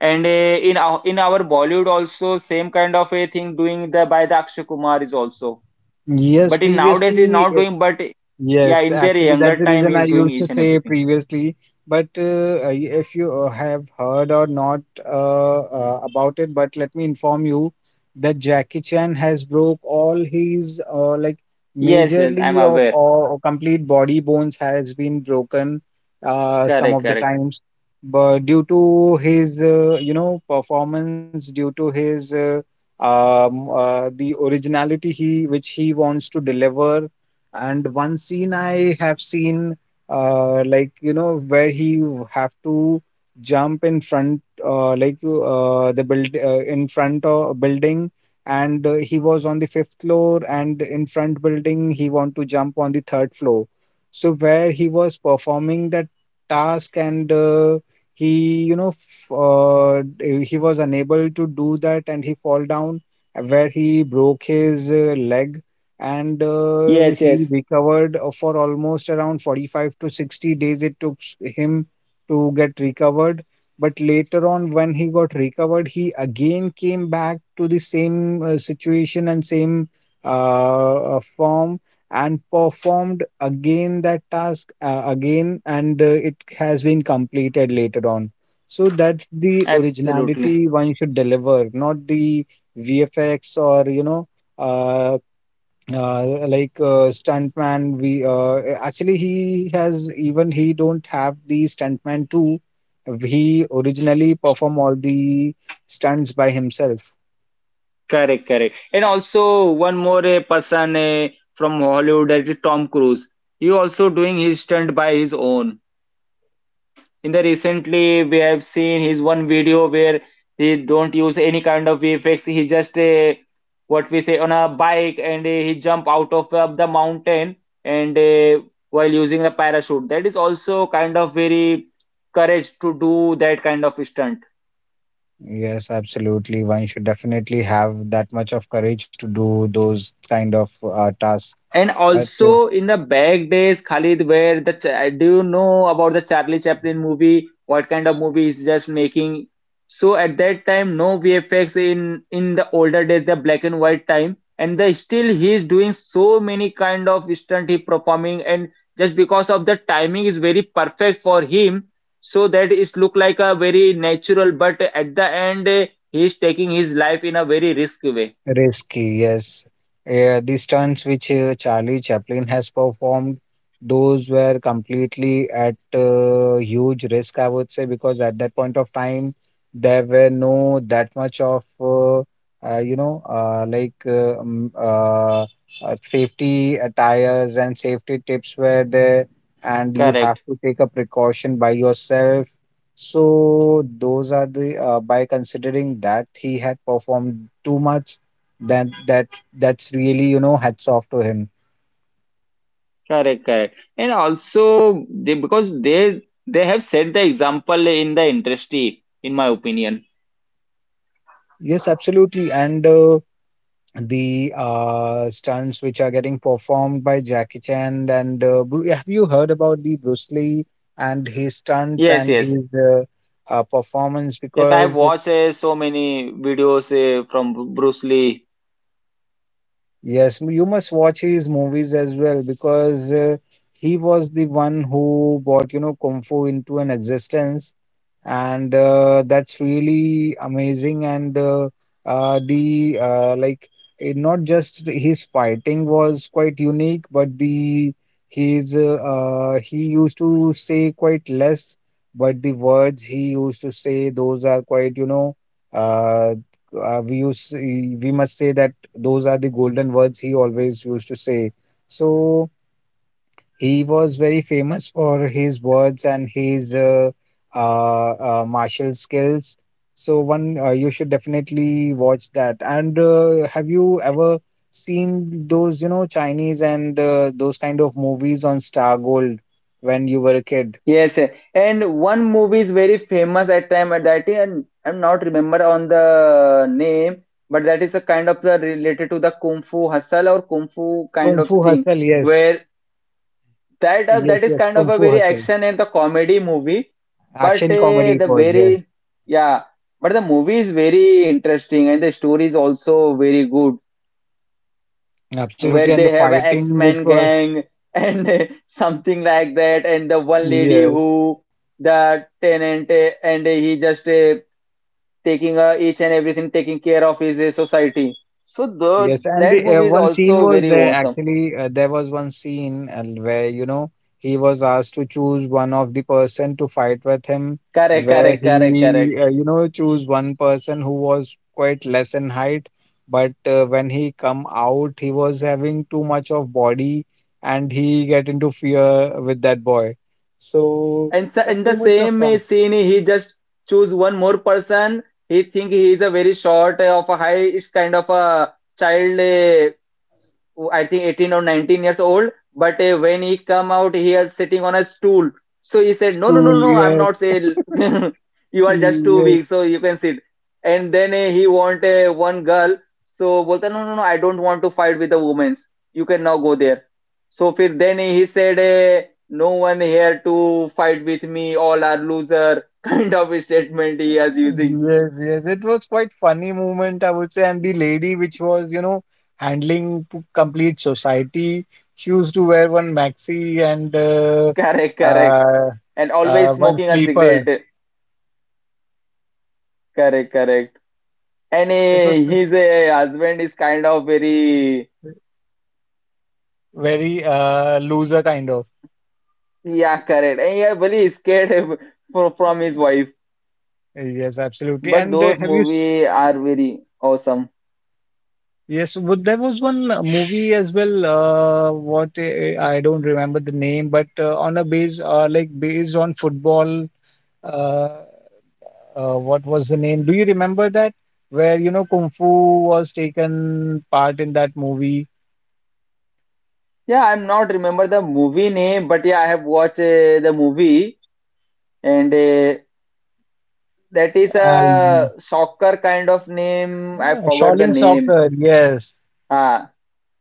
Speaker 1: and in our Bollywood also same kind of a thing doing the by the Akshay Kumar is also.
Speaker 3: yes
Speaker 1: But in nowadays he's
Speaker 3: previously
Speaker 1: not doing, but
Speaker 3: Yes,
Speaker 1: yeah, in their
Speaker 3: actually, that's
Speaker 1: younger
Speaker 3: the
Speaker 1: time
Speaker 3: reason I
Speaker 1: he's doing
Speaker 3: used to
Speaker 1: each and
Speaker 3: say
Speaker 1: everything.
Speaker 3: previously. But if you have heard or not about it, but let me inform you that Jackie Chan has broke all his like
Speaker 1: Yes, yes, I'm
Speaker 3: majorly of
Speaker 1: aware.
Speaker 3: all complete body bones has been broken some
Speaker 1: Correct,
Speaker 3: of the
Speaker 1: correct.
Speaker 3: times, but due to his you know performance, due to his the originality he which he wants to deliver. And one scene I have seen, like you know, where have to jump in front, like the build in front of building, and he was on the fifth floor, and in front building he want to jump on the third floor. So where he was performing that task, and he you know f- d- he was unable to do that, and he fall down, where he broke his leg. And
Speaker 1: Yes,
Speaker 3: he
Speaker 1: yes,
Speaker 3: recovered for almost around 45 to 60 days, it took him to get recovered. But later on when he got recovered, he again came back to the same situation and same form, and performed again that task again, and it has been completed later on. So that's the
Speaker 1: absolutely.
Speaker 3: originality one should deliver, not the vfx or uh, stuntman. We, actually, he has, even he don't have the stuntman too. He originally perform all the stunts by himself.
Speaker 1: Correct, correct. And also one more person from Hollywood, that is Tom Cruise. He also doing his stunt by his own. In the recently, we have seen his one video where he don't use any kind of VFX. He just what we say on a bike, and he jump out of the mountain, and while using a parachute. That is also kind of very courage to do that kind of stunt.
Speaker 3: Yes, absolutely, one should definitely have that much of courage to do those kind of tasks.
Speaker 1: And
Speaker 3: But.
Speaker 1: also in the back days, Khalid, where the cha- do you know about the Charlie Chaplin movie? What kind of movie is just making? So at that time, no VFX in the older days, the black and white time, and the still he is doing so many kind of stunt he performing, and just because of the timing is very perfect for him, so that is look like a very natural, but at the end he is taking his life in a very risk way.
Speaker 3: Risky, yes. The stunts which Charlie Chaplin has performed, those were completely at huge risk, I would say, because at that point of time, there were no that much of, you know, like safety attires and safety tips were there, and you have
Speaker 1: Correct.
Speaker 3: to take a precaution by yourself. So those are the by considering that he had performed too much, that that's really, hats off to him.
Speaker 1: Correct, correct. And also they because they have set the example in the industry, in my opinion.
Speaker 3: Yes, absolutely. And the stunts which are getting performed by Jackie Chan, and have you heard about the Bruce Lee and his stunts
Speaker 1: Yes,
Speaker 3: and
Speaker 1: yes.
Speaker 3: his performance?
Speaker 1: Yes, I have
Speaker 3: Because
Speaker 1: watched so many videos from Bru- Bruce Lee.
Speaker 3: yes, you must watch his movies as well, because he was the one who brought, you know, kung fu into an existence. And that's really amazing. And the like it, not just his fighting was quite unique, but the his he used to say quite less, but the words he used to say, those are quite, you know, uh, we must say that those are the golden words he always used to say. So he was very famous for his words and his martial skills. So one, you should definitely watch that. And have you ever seen those, you know, Chinese and those kind of movies on Star Gold when you were a kid?
Speaker 1: Yes, and one movie is very famous at time at that time, and I'm not remember on the name, but that is a kind of the related to the Kung Fu Hustle or Kung Fu kind
Speaker 3: Kung
Speaker 1: of
Speaker 3: Fu
Speaker 1: thing,
Speaker 3: Hustle, yes,
Speaker 1: where that
Speaker 3: yes,
Speaker 1: that is
Speaker 3: yes,
Speaker 1: kind of
Speaker 3: Kung
Speaker 1: a
Speaker 3: Fu
Speaker 1: very
Speaker 3: Hustle.
Speaker 1: action and the comedy movie, but
Speaker 3: Action comedy it
Speaker 1: the
Speaker 3: was, yes,
Speaker 1: very yeah, but the movie is very interesting and the story is also very good.
Speaker 3: absolutely.
Speaker 1: Where
Speaker 3: And the
Speaker 1: they have a
Speaker 3: fighting, which
Speaker 1: X-Men
Speaker 3: was,
Speaker 1: gang and *laughs* something like that, and the one lady
Speaker 3: yes.
Speaker 1: who, the tenant, and he just taking each and everything, taking care of his society. So
Speaker 3: Yes,
Speaker 1: the
Speaker 3: and
Speaker 1: that
Speaker 3: the,
Speaker 1: movie is
Speaker 3: one scene
Speaker 1: also
Speaker 3: was
Speaker 1: very
Speaker 3: there
Speaker 1: awesome.
Speaker 3: actually. There was one scene where, you know, he was asked to choose one of the person to fight with him,
Speaker 1: Correct,
Speaker 3: where
Speaker 1: correct, correct,
Speaker 3: he,
Speaker 1: correct.
Speaker 3: you know, choose one person who was quite less in height, but when he come out, he was having too much of body, and he get into fear with that boy. So
Speaker 1: And so in the
Speaker 3: too much of
Speaker 1: same
Speaker 3: a
Speaker 1: scene, he just choose one more person. He think he is a very short of a high. It's kind of a child. Who I think 18 or 19 years old. But when he come out, he is sitting on a stool. So he said, "No, no,
Speaker 3: stool.
Speaker 1: no, no. I'm
Speaker 3: Yes,
Speaker 1: not saying *laughs* you are just too
Speaker 3: yes.
Speaker 1: weak, so you can sit." And then he want one girl. So बोलता no, no, no. I don't want to fight with the women. You can now go there. So फिर then he said. No one here to fight with me, all are loser *laughs* kind of a statement he is using.
Speaker 3: Yes, yes. It was quite funny moment, I would say. And the lady which was, you know, handling complete society, she used to wear one maxi and
Speaker 1: Correct, correct.
Speaker 3: uh,
Speaker 1: And always
Speaker 3: one
Speaker 1: smoking a
Speaker 3: sleeper.
Speaker 1: cigarette. Correct, correct. And
Speaker 3: It was quite
Speaker 1: his husband is kind of very,
Speaker 3: very loser kind of.
Speaker 1: yeah, correct. And yeah, very scared *laughs* from
Speaker 3: Uh,
Speaker 1: his wife.
Speaker 3: Yes, absolutely.
Speaker 1: But
Speaker 3: And
Speaker 1: those
Speaker 3: have you?
Speaker 1: movie are very awesome.
Speaker 3: Yes, would there was one movie as well. What, I don't remember the name, but on a base, like based on football. Uh, what was the name? Do you remember that? Where, you know, Kung Fu was taken part in that movie.
Speaker 1: Yeah, I'm not remember the movie name, but yeah, I have watched the movie and that is
Speaker 3: Uh,
Speaker 1: a soccer kind of name. I
Speaker 3: yeah,
Speaker 1: forgot the
Speaker 3: Shaolin
Speaker 1: name.
Speaker 3: Soccer, yes.
Speaker 1: Ah,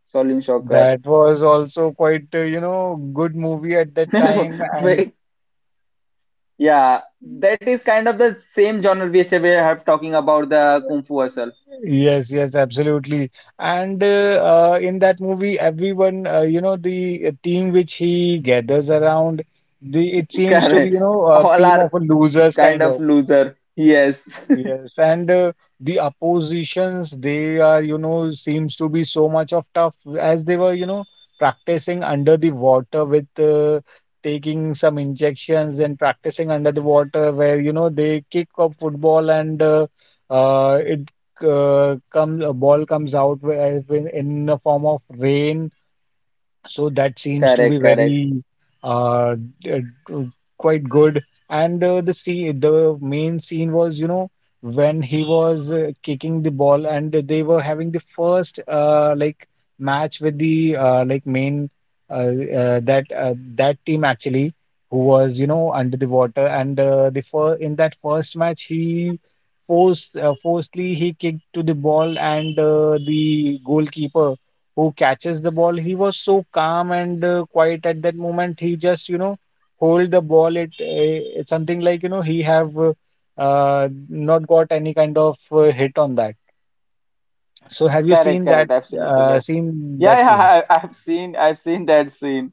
Speaker 1: Shaolin Soccer.
Speaker 3: That was also quite, you know, good movie at that time.
Speaker 1: *laughs*
Speaker 3: And
Speaker 1: Wait, yeah, that is kind of the same genre which we have talking about the Kung Fu Hustle.
Speaker 3: yes, yes, absolutely. And in that movie, everyone, you know, the team which he gathers around, the it
Speaker 1: *laughs*
Speaker 3: seems to be,
Speaker 1: Correct.
Speaker 3: you know, a
Speaker 1: All
Speaker 3: team of
Speaker 1: are
Speaker 3: losers
Speaker 1: kind
Speaker 3: kind
Speaker 1: of
Speaker 3: of.
Speaker 1: loser. Yes. *laughs*
Speaker 3: Yes, and the oppositions, they are, you know, seems to be so much of tough, as they were, you know, practicing under the water with taking some injections and practicing under the water where, you know, they kick a football, and uh, it a ball comes out as in the form of rain, so that seems to be
Speaker 1: Correct, correct.
Speaker 3: very uh, d- uh, d- quite good. And the main scene was, you know, when he was kicking the ball, and they were having the first match with the main uh, that team actually, who was, you know, under the water. And the fir in that first match, he forced forcefully he kicked to the ball, and the goalkeeper who catches the ball. He was so calm and quiet at that moment. He just, you know, hold the ball. It's something like, you know, he have not got any kind of hit on that. So have you
Speaker 1: Correct,
Speaker 3: seen
Speaker 1: correct. Absolutely correct. Yeah,
Speaker 3: that scene?
Speaker 1: yeah, I've seen, I've seen that scene.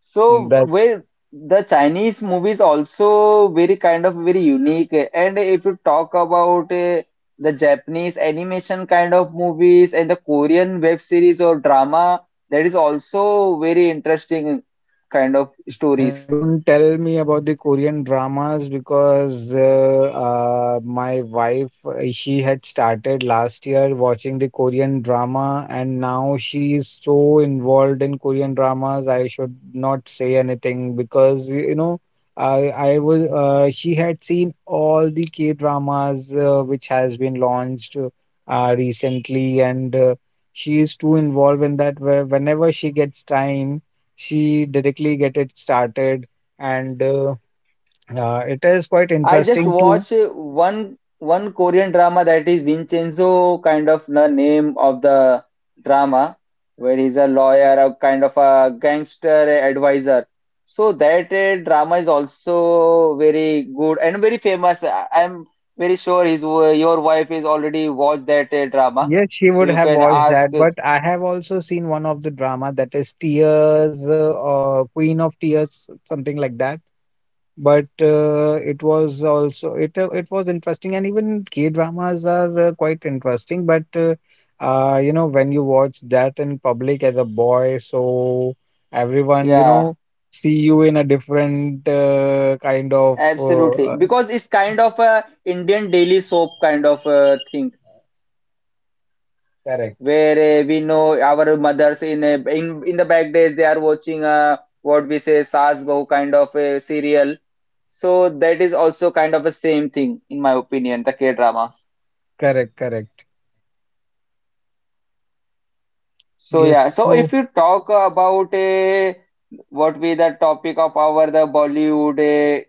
Speaker 1: So, where the Chinese movies also very kind of very unique. And if you talk about the Japanese animation kind of movies, and the Korean web series or drama, that is also very interesting kind of
Speaker 3: Uh,
Speaker 1: stories.
Speaker 3: Don't tell me about the Korean dramas because my wife, she had started last year watching the Korean drama, and now she is so involved in Korean dramas. I should not say anything because you know, I was she had seen all the K dramas which has been launched recently, and she is too involved in that. Where whenever she gets time, she directly get it started. And it is quite
Speaker 1: I just
Speaker 3: interesting
Speaker 1: watch
Speaker 3: too.
Speaker 1: one Korean drama, that is Vincenzo, kind of the name of the drama, where he's a lawyer, a kind of a gangster advisor. So that drama is also very good and very famous. I'm very sure his w- your wife is already watched that drama,
Speaker 3: Yes, she
Speaker 1: so
Speaker 3: would
Speaker 1: you
Speaker 3: have
Speaker 1: can
Speaker 3: watched
Speaker 1: ask.
Speaker 3: that, but I have also seen one of the drama, that is tears Queen of Tears, something like that. But, it was interesting, and even K-dramas are quite interesting. But, you know, when you watch that in public as a boy, so everyone, you
Speaker 1: Yeah,
Speaker 3: know, see you in a different kind of
Speaker 1: absolutely,
Speaker 3: uh,
Speaker 1: because it's kind of a Indian daily soap kind of thing,
Speaker 3: Correct.
Speaker 1: where we know our mothers in a, in the back days they are watching a, what we say, saas bahu kind of a serial. So that is also kind of a same thing, in my opinion, the K dramas.
Speaker 3: Correct, correct.
Speaker 1: So yeah,
Speaker 3: Yes,
Speaker 1: so if
Speaker 3: so
Speaker 1: you talk about a, what be the topic of our the Bollywood,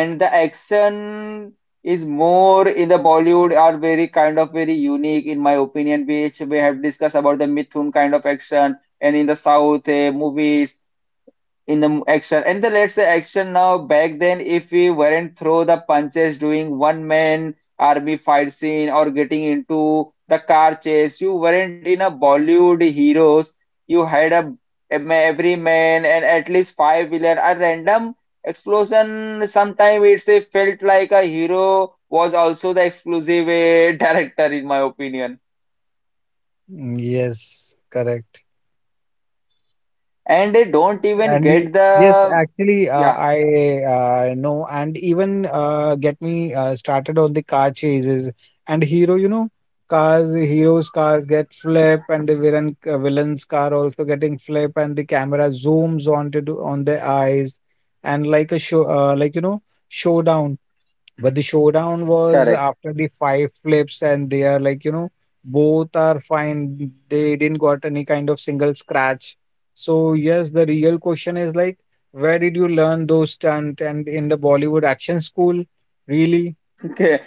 Speaker 1: and the action is more in the Bollywood, are very kind of very unique in my opinion, which we have discussed about the Mithun kind of action. And in the South movies in the action, and the, let's say, action. Now back then, if we weren't throw the punches doing one man army fight scene, or getting into the car chase, you weren't in a bollywood heroes. You had a ma- every man and at least five villain, a random explosion. Sometimes it's a felt like a hero was also the exclusive *laughs* director, in my opinion.
Speaker 3: mm, yes, correct.
Speaker 1: And they don't even
Speaker 3: And
Speaker 1: get
Speaker 3: yes,
Speaker 1: the
Speaker 3: actually,
Speaker 1: yeah
Speaker 3: I know, and even get me started on the car chases and hero. You know, heroes' cars get flip, and the villain's car also getting flip, and the camera zooms on their eyes, and like a show, showdown. But the showdown was
Speaker 1: correct
Speaker 3: after the five flips, and they are like, you know, both are fine. They didn't got any kind of single scratch. So, yes, the real question is like, where did you learn those stunt? And in the Bollywood action school, really?
Speaker 1: *laughs* okay.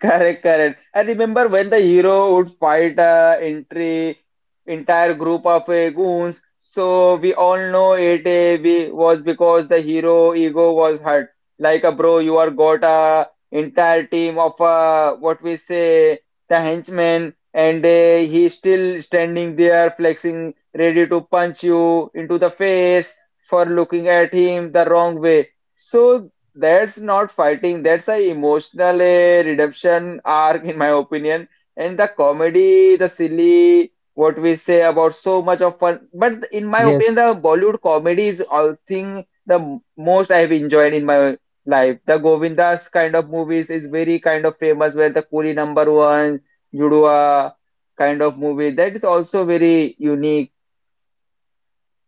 Speaker 1: Correct, correct. I remember when the hero would fight entry entire group of goons. So we all know it be- was because the hero ego was hurt. Like a bro, you are got a entire team of what we say the henchmen, and he's still standing there flexing, ready to punch you into the face for looking at him the wrong way. So that's not fighting. That's a emotional redemption arc, in my opinion. And the comedy, the silly, what we say, about so much of fun. But in my
Speaker 3: Yes.
Speaker 1: opinion, the Bollywood comedy is all thing the m- most I have enjoyed in my life. The Govindas kind of movies is very kind of famous, where the Kuli number one, Judua kind of movie. That is also very unique.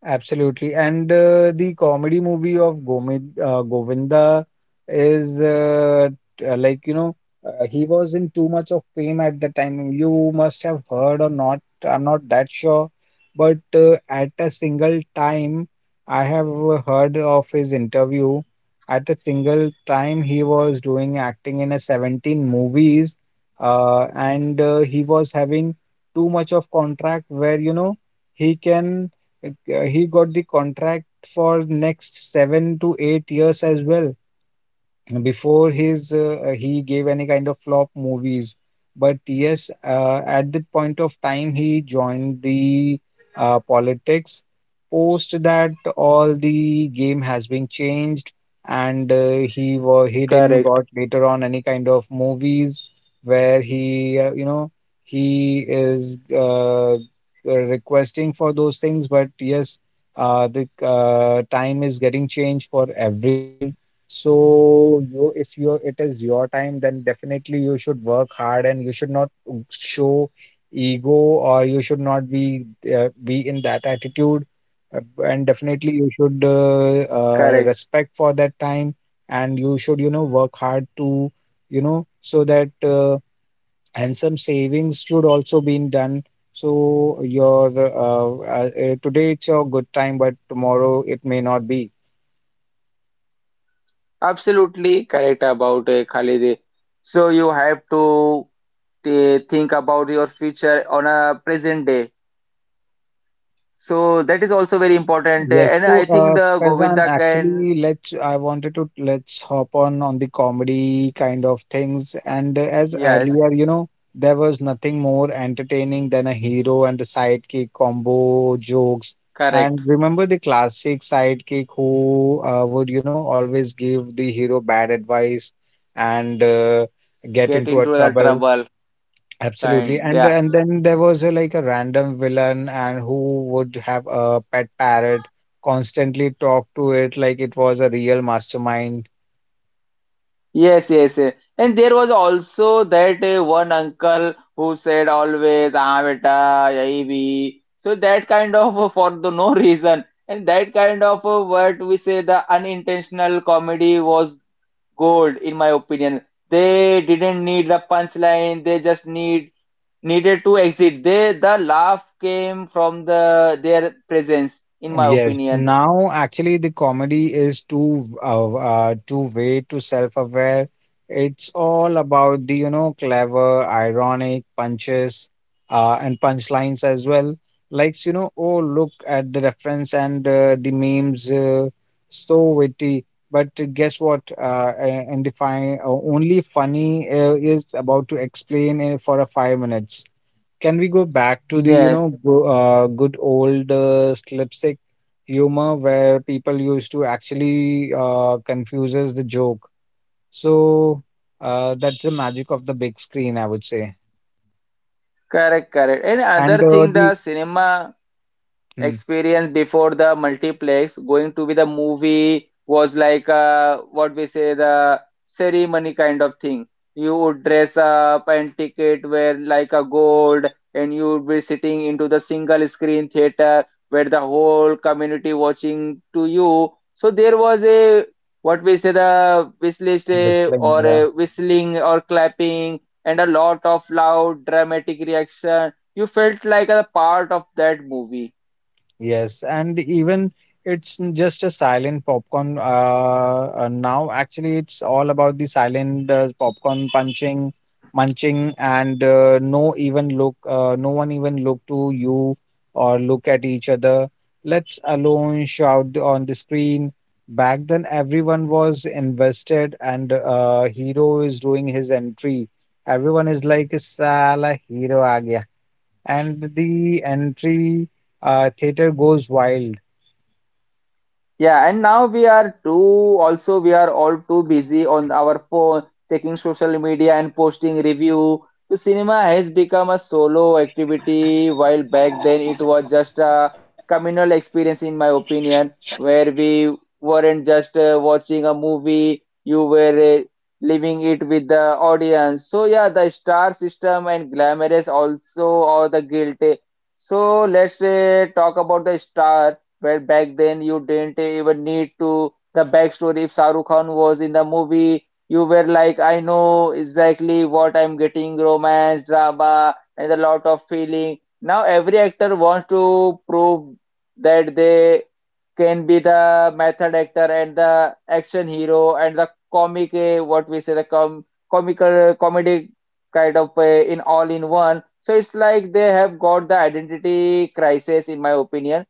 Speaker 3: Absolutely. And the comedy movie of Govinda is you know, he was in too much of fame at the time. You must have heard or not. I'm not that sure. But at a single time, I have heard of his interview. At a single time, he was doing acting in a 17 movies, and he was having too much of contract where, you know, he can he got the contract for next 7 to 8 years as well, before his he gave any kind of flop movies. But yes, at that point of time, he joined the politics. Post that, all the game has been changed, and he didn't got
Speaker 1: Correct,
Speaker 3: later on any kind of movies where he, you know, he is requesting for those things. But yes, the time is getting changed for everyone. So you, if you it is your time, then definitely you should work hard, and you should not show ego, or you should not be be in that attitude. And definitely you
Speaker 1: correct.
Speaker 3: should respect for that time, and you should, you know, work hard to, you know, so that and some savings should also be done. So your today it's your good time, but tomorrow it may not be.
Speaker 1: Absolutely correct about Khalid. So you have to they think about your future on a present day. So that is also very important.
Speaker 3: Yes,
Speaker 1: And
Speaker 3: so
Speaker 1: I think the
Speaker 3: Faizan,
Speaker 1: Govinda can,
Speaker 3: actually, let's. I wanted to, let's hop on the comedy kind of things. And as
Speaker 1: yes,
Speaker 3: earlier, you know, there was nothing more entertaining than a hero and the sidekick combo jokes. And
Speaker 1: correct,
Speaker 3: remember the classic sidekick who, would, you know, always give the hero bad advice, and get
Speaker 1: get
Speaker 3: into a
Speaker 1: into the
Speaker 3: trouble.
Speaker 1: trouble
Speaker 3: Absolutely.
Speaker 1: kind.
Speaker 3: And
Speaker 1: Yeah,
Speaker 3: and then there was a, like a random villain, and who would have a pet parrot, constantly talk to it like it was a real mastermind.
Speaker 1: yes, yes, yes. And there was also that one uncle who said always, ah, beta, yahi bhi." So that kind of for the no *laughs* reason. And that kind of what we say, the unintentional comedy was gold, in my opinion. They didn't need the punchline. They just needed to exit. They the laugh came from the their presence, in my
Speaker 3: Yes,
Speaker 1: opinion.
Speaker 3: now actually the comedy is too too way too self-aware. It's all about the, you know, clever, ironic punches and punchlines as well. Like, you know, oh look at the reference and the memes, so witty. But guess what? Only funny is about to explain for a 5 minutes, can we go back to the, you
Speaker 1: Yes,
Speaker 3: know, good old slapstick humor where people used to actually confuses the joke. So that's the magic of the big screen, I would say.
Speaker 1: correct, correct. And
Speaker 3: And
Speaker 1: another thing,
Speaker 3: the
Speaker 1: the cinema
Speaker 3: Hmm,
Speaker 1: experience before the multiplex going to be the movie was like what we say, the ceremony kind of thing. You would dress up and ticket wear like a gold, and you would be sitting into the single screen theater where the whole community watching to you. So there was a, what we say, the whistlist,
Speaker 3: whistling,
Speaker 1: or
Speaker 3: yeah.
Speaker 1: a whistling or clapping, and a lot of loud dramatic reaction. You felt like a part of that movie.
Speaker 3: Yes, and even just a silent popcorn. Now, actually, it's all about the silent popcorn munching, and no even look. No one even look to you or look at each other. Let's alone shout on the screen. Back then, everyone was invested, and hero is doing his entry. Everyone is like, "Sala hero aa gaya," and the entry theater goes wild.
Speaker 1: Yeah, and now we are too, also we are all too busy on our phone, checking social media and posting review. So cinema has become a solo activity, while back then it was just a communal experience, in my opinion, where we weren't just watching a movie, you were living it with the audience. So yeah, the star system and glamorous also, or the guilty. So let's talk about the star, where back then you didn't even need to the backstory. If Shahrukh Khan was in the movie, you were like, I know exactly what I'm getting: romance, drama, and a lot of feeling. Now every actor wants to prove that they can be the method actor, and the action hero, and the comic, what we say, the comical comedic kind of in all in one. So it's like they have got the identity crisis, in my opinion,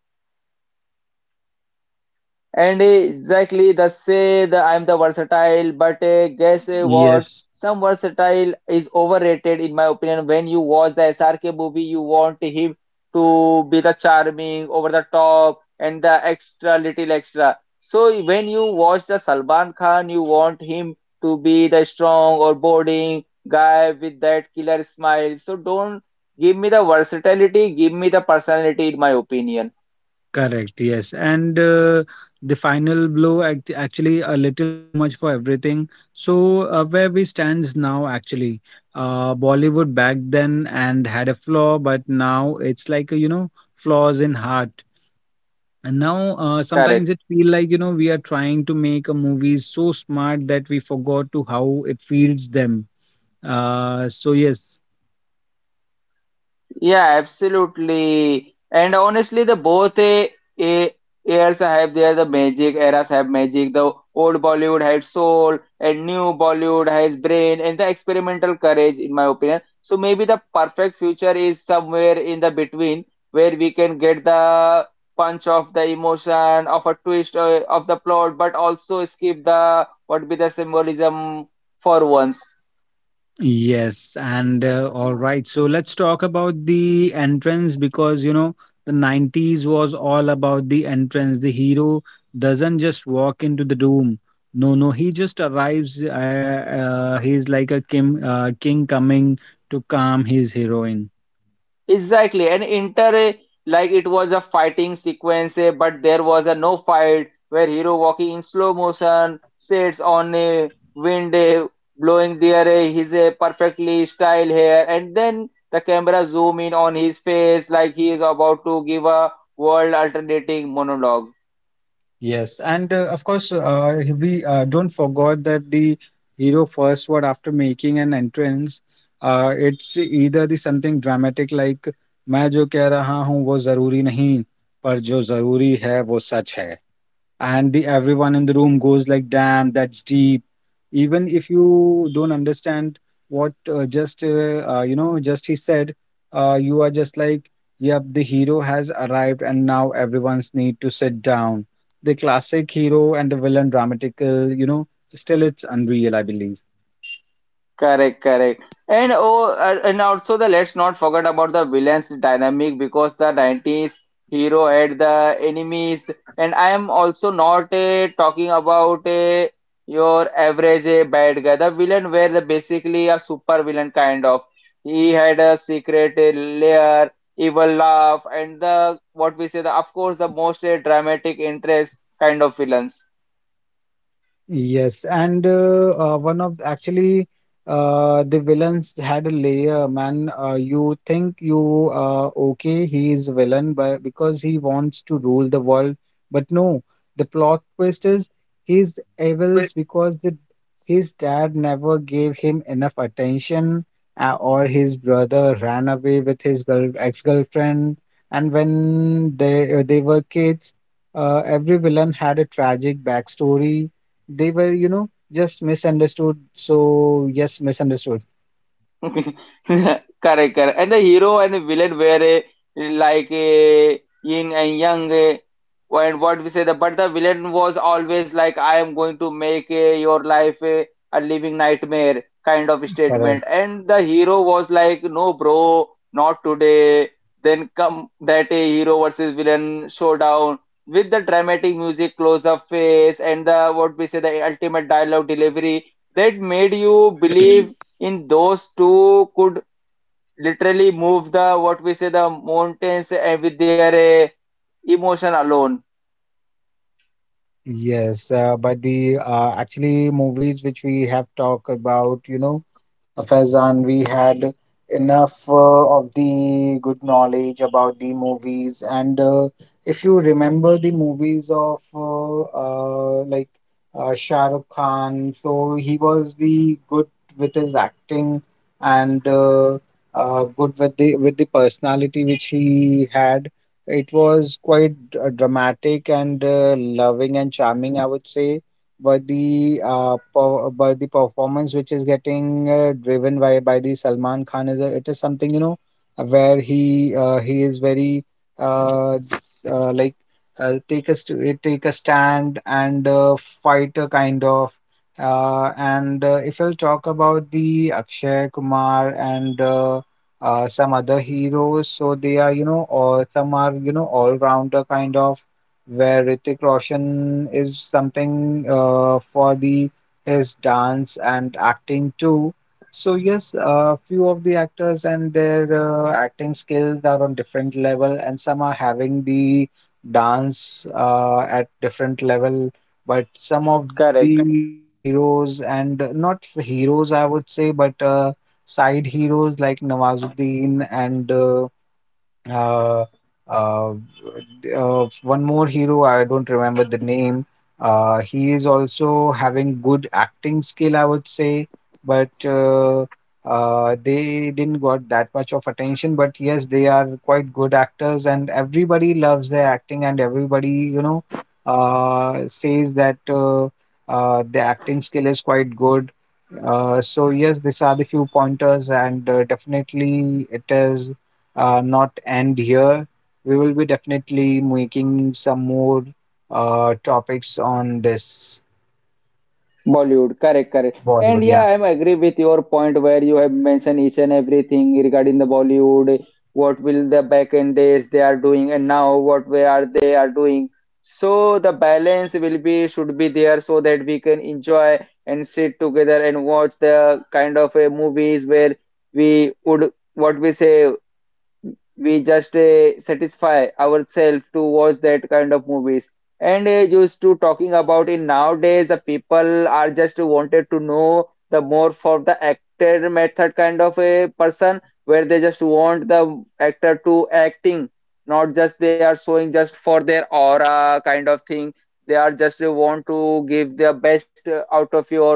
Speaker 1: and exactly the say the I'm the versatile, but guess what?
Speaker 3: Yes,
Speaker 1: Some versatile is overrated in my opinion. When you watch the SRK movie, you want him to be the charming, over the top, and the extra little extra. So when you watch the Salman Khan, you want him to be the strong or boring guy with that killer smile. So don't give me the versatility, give me the personality in my opinion.
Speaker 3: correct. Yes. And The final blow act actually a little too much for everything. So, where we stands now, actually, Bollywood back then and had a flaw, but now it's like, flaws in heart. And now,
Speaker 1: Correct.
Speaker 3: sometimes it feel like, we are trying to make a movie so smart that we forgot to how it feels them. Uh, so yes,
Speaker 1: Yeah, absolutely. And honestly, the both a eras have their the magic, eras have magic. The old Bollywood had soul, and new Bollywood has brain and the experimental courage, in my opinion. So maybe the perfect future is somewhere in the between, where we can get the punch of the emotion, of a twist of the plot, but also skip the what be the symbolism for once.
Speaker 3: Yes, and all right. So let's talk about the entrance because you know the 90s was all about the entrance. The hero doesn't just walk into the room. No, no, he just arrives. He's like a king, king coming to calm his heroine.
Speaker 1: Exactly, and like it was a fighting sequence, but there was a no fight where hero walking in slow motion, sits on a wind, blowing his perfectly styled hair, and then the camera zoom in on his face like he is about to give a world alternating monologue.
Speaker 3: Yes, and of course, we don't forget that the hero first word after making an entrance, it's either the something dramatic like मैं जो कह रहा हूँ वो जरूरी नहीं पर जो जरूरी है वो सच है, and the everyone in the room goes like, damn, that's deep, even if you don't understand what just he said. You are just like, yep, the hero has arrived and now everyone's need to sit down. The classic hero and the villain dramatical, you know, still it's unreal, I believe.
Speaker 1: Correct, correct. And and also the let's not forget about the villains dynamic because the 90s hero had the enemies, and I am also not talking about your average bad guy. The villain were the basically a super villain kind of. He had a secret lair, evil laugh, and the what we say the of course the most dramatic interest kind of villains.
Speaker 3: Yes, and one of actually the villains had a layer, man. You think you okay, he is villain by because he wants to rule the world, but no, the plot twist is he's evils because the his dad never gave him enough attention, or his brother ran away with his girl ex-girlfriend, and when they were kids, every villain had a tragic backstory. They were, you know, just misunderstood. So yes, misunderstood.
Speaker 1: *laughs* Correct, correct. And the hero and the villain were like yin and yang. And what we say the but the villain was always like, I am going to make your life a living nightmare kind of
Speaker 3: Correct.
Speaker 1: statement. And the hero was like, no, bro, not today. Then come that a hero versus villain showdown with the dramatic music, close up face, and the what we say the ultimate dialogue delivery that made you believe in those two could literally move the what we say the mountains and with their uh, emotion alone.
Speaker 3: Yes, but the actually movies which we have talked about, you know, Faizan, we had enough of the good knowledge about the movies. And If you remember the movies of like Shah Rukh Khan, so he was the good with his acting and good with the personality which he had. It was quite dramatic and loving and charming, I would say. But the but the performance which is getting driven by the Salman Khan is a- it is something, you know, where he is very uh, uh, like take a stand and fight a kind of and if I'll talk about the Akshay Kumar and some other heroes. So they are, you know, or some are, you know, all rounder kind of, where Ritik Roshan is something for the his dance and acting too. So yes, a few of the actors and their acting skills are on different level, and some are having the dance at different level. But some of
Speaker 1: Correct.
Speaker 3: the heroes, and not the heroes, I would say, but side heroes like Nawazuddin and uh, uh, one more hero, I don't remember the name. He is also having good acting skill, I would say, but they didn't got that much of attention. But yes, they are quite good actors, and everybody loves their acting, and everybody, you know, says that the acting skill is quite good. So yes, these are the few pointers, and definitely it is not end here. We will be definitely making some more topics on this
Speaker 1: Bollywood. Correct, correct. And
Speaker 3: Bollywood. Yeah.
Speaker 1: yeah, I'm agree with your point where you have mentioned each and everything regarding the Bollywood, what will the back end days they are doing and now what way are they are doing. So the balance will be should be there so that we can enjoy and sit together and watch the kind of movies where we would what we say we just satisfy ourselves to watch that kind of movies and used to talking about in nowadays the people are just wanted to know the more for the actor method kind of a person where they just want the actor to acting, not just they are showing just for their aura kind of thing. They are just want to give their best out of your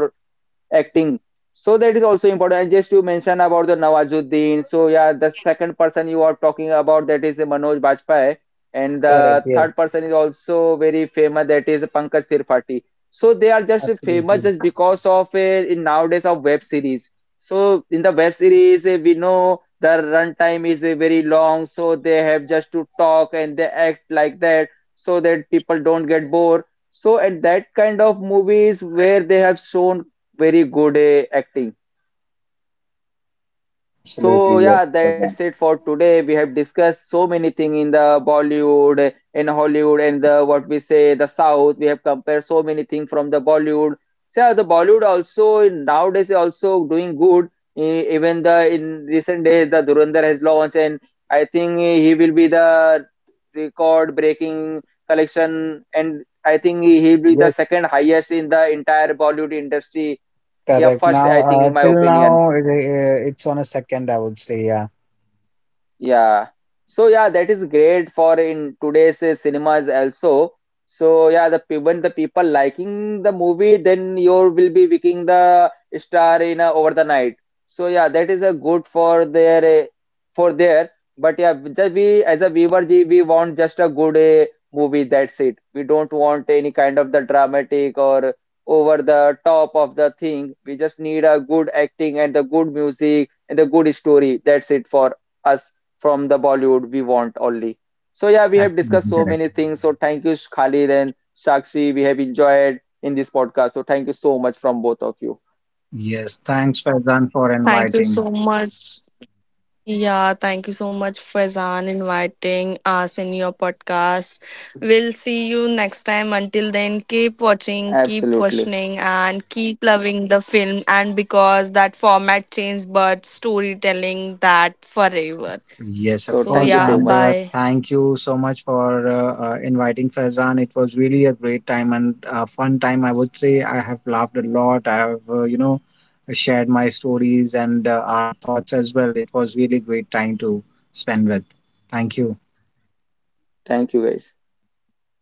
Speaker 1: acting, so that is also important. And just to mention about the nawazuddin, so yeah, the second person you are talking about, that is manoj bajpayee, and
Speaker 3: Correct.
Speaker 1: the
Speaker 3: Yes.
Speaker 1: third person is also very famous, that is pankaj tripathi. So they are just famous
Speaker 3: Absolutely.
Speaker 1: just because of in nowadays of web series. So in the web series, we know the runtime is very long, so they have just to talk and they act like that so that people don't get bored. So at that kind of movies where they have shown very good acting. So
Speaker 3: Absolutely. Yes.
Speaker 1: yeah, that's
Speaker 3: Vardhan.
Speaker 1: it for today. We have discussed so many things in the Bollywood, in Hollywood, and the what we say the South. We have compared so many things from the Bollywood. So yeah, the Bollywood also nowadays is also doing good. Even the in recent days, the Dhurandhar has launched, and I think he will be the record-breaking collection, and I think he will be the
Speaker 3: Yes.
Speaker 1: second highest in the entire Bollywood industry. Yeah,
Speaker 3: Correct.
Speaker 1: first
Speaker 3: Now,
Speaker 1: I think in my
Speaker 3: till
Speaker 1: opinion.
Speaker 3: now, it's on a second, I would say. Yeah.
Speaker 1: Yeah. So yeah, that is great for in today's cinemas also. So yeah, the when the people liking the movie, then you will be picking the star in over the night. So yeah, that is a good for their for there. But yeah, just we as a viewer, we want just a good movie. That's it. We don't want any kind of the dramatic or over the top of the thing. We just need a good acting and the good music and the good story. That's it for us from the Bollywood we want only. So yeah, we have discussed
Speaker 3: Absolutely
Speaker 1: so many
Speaker 3: correct.
Speaker 1: things. So thank you, Khalid and Shakshi. We have enjoyed in this podcast. So thank you so much from both of you.
Speaker 3: Yes. Thanks, Faizan, for
Speaker 4: Thank you so
Speaker 3: inviting.
Speaker 4: much. Yeah, thank you so much, Faizan, inviting us in your podcast. We'll see you next time. Until then, keep watching, keep
Speaker 1: Absolutely.
Speaker 4: questioning, and keep loving the film. And because that format changed, but storytelling that forever.
Speaker 3: Yes, of
Speaker 1: So
Speaker 4: So,
Speaker 3: course.
Speaker 1: thank you
Speaker 4: yeah,
Speaker 1: so
Speaker 3: And
Speaker 1: much.
Speaker 4: bye.
Speaker 3: thank you so much for inviting Faizan. It was really a great time and a fun time, I would say. I have laughed a lot. I have, you know, shared my stories and our thoughts as well. It was really great time to spend with. Thank you.
Speaker 1: Thank you guys.
Speaker 4: Thank you.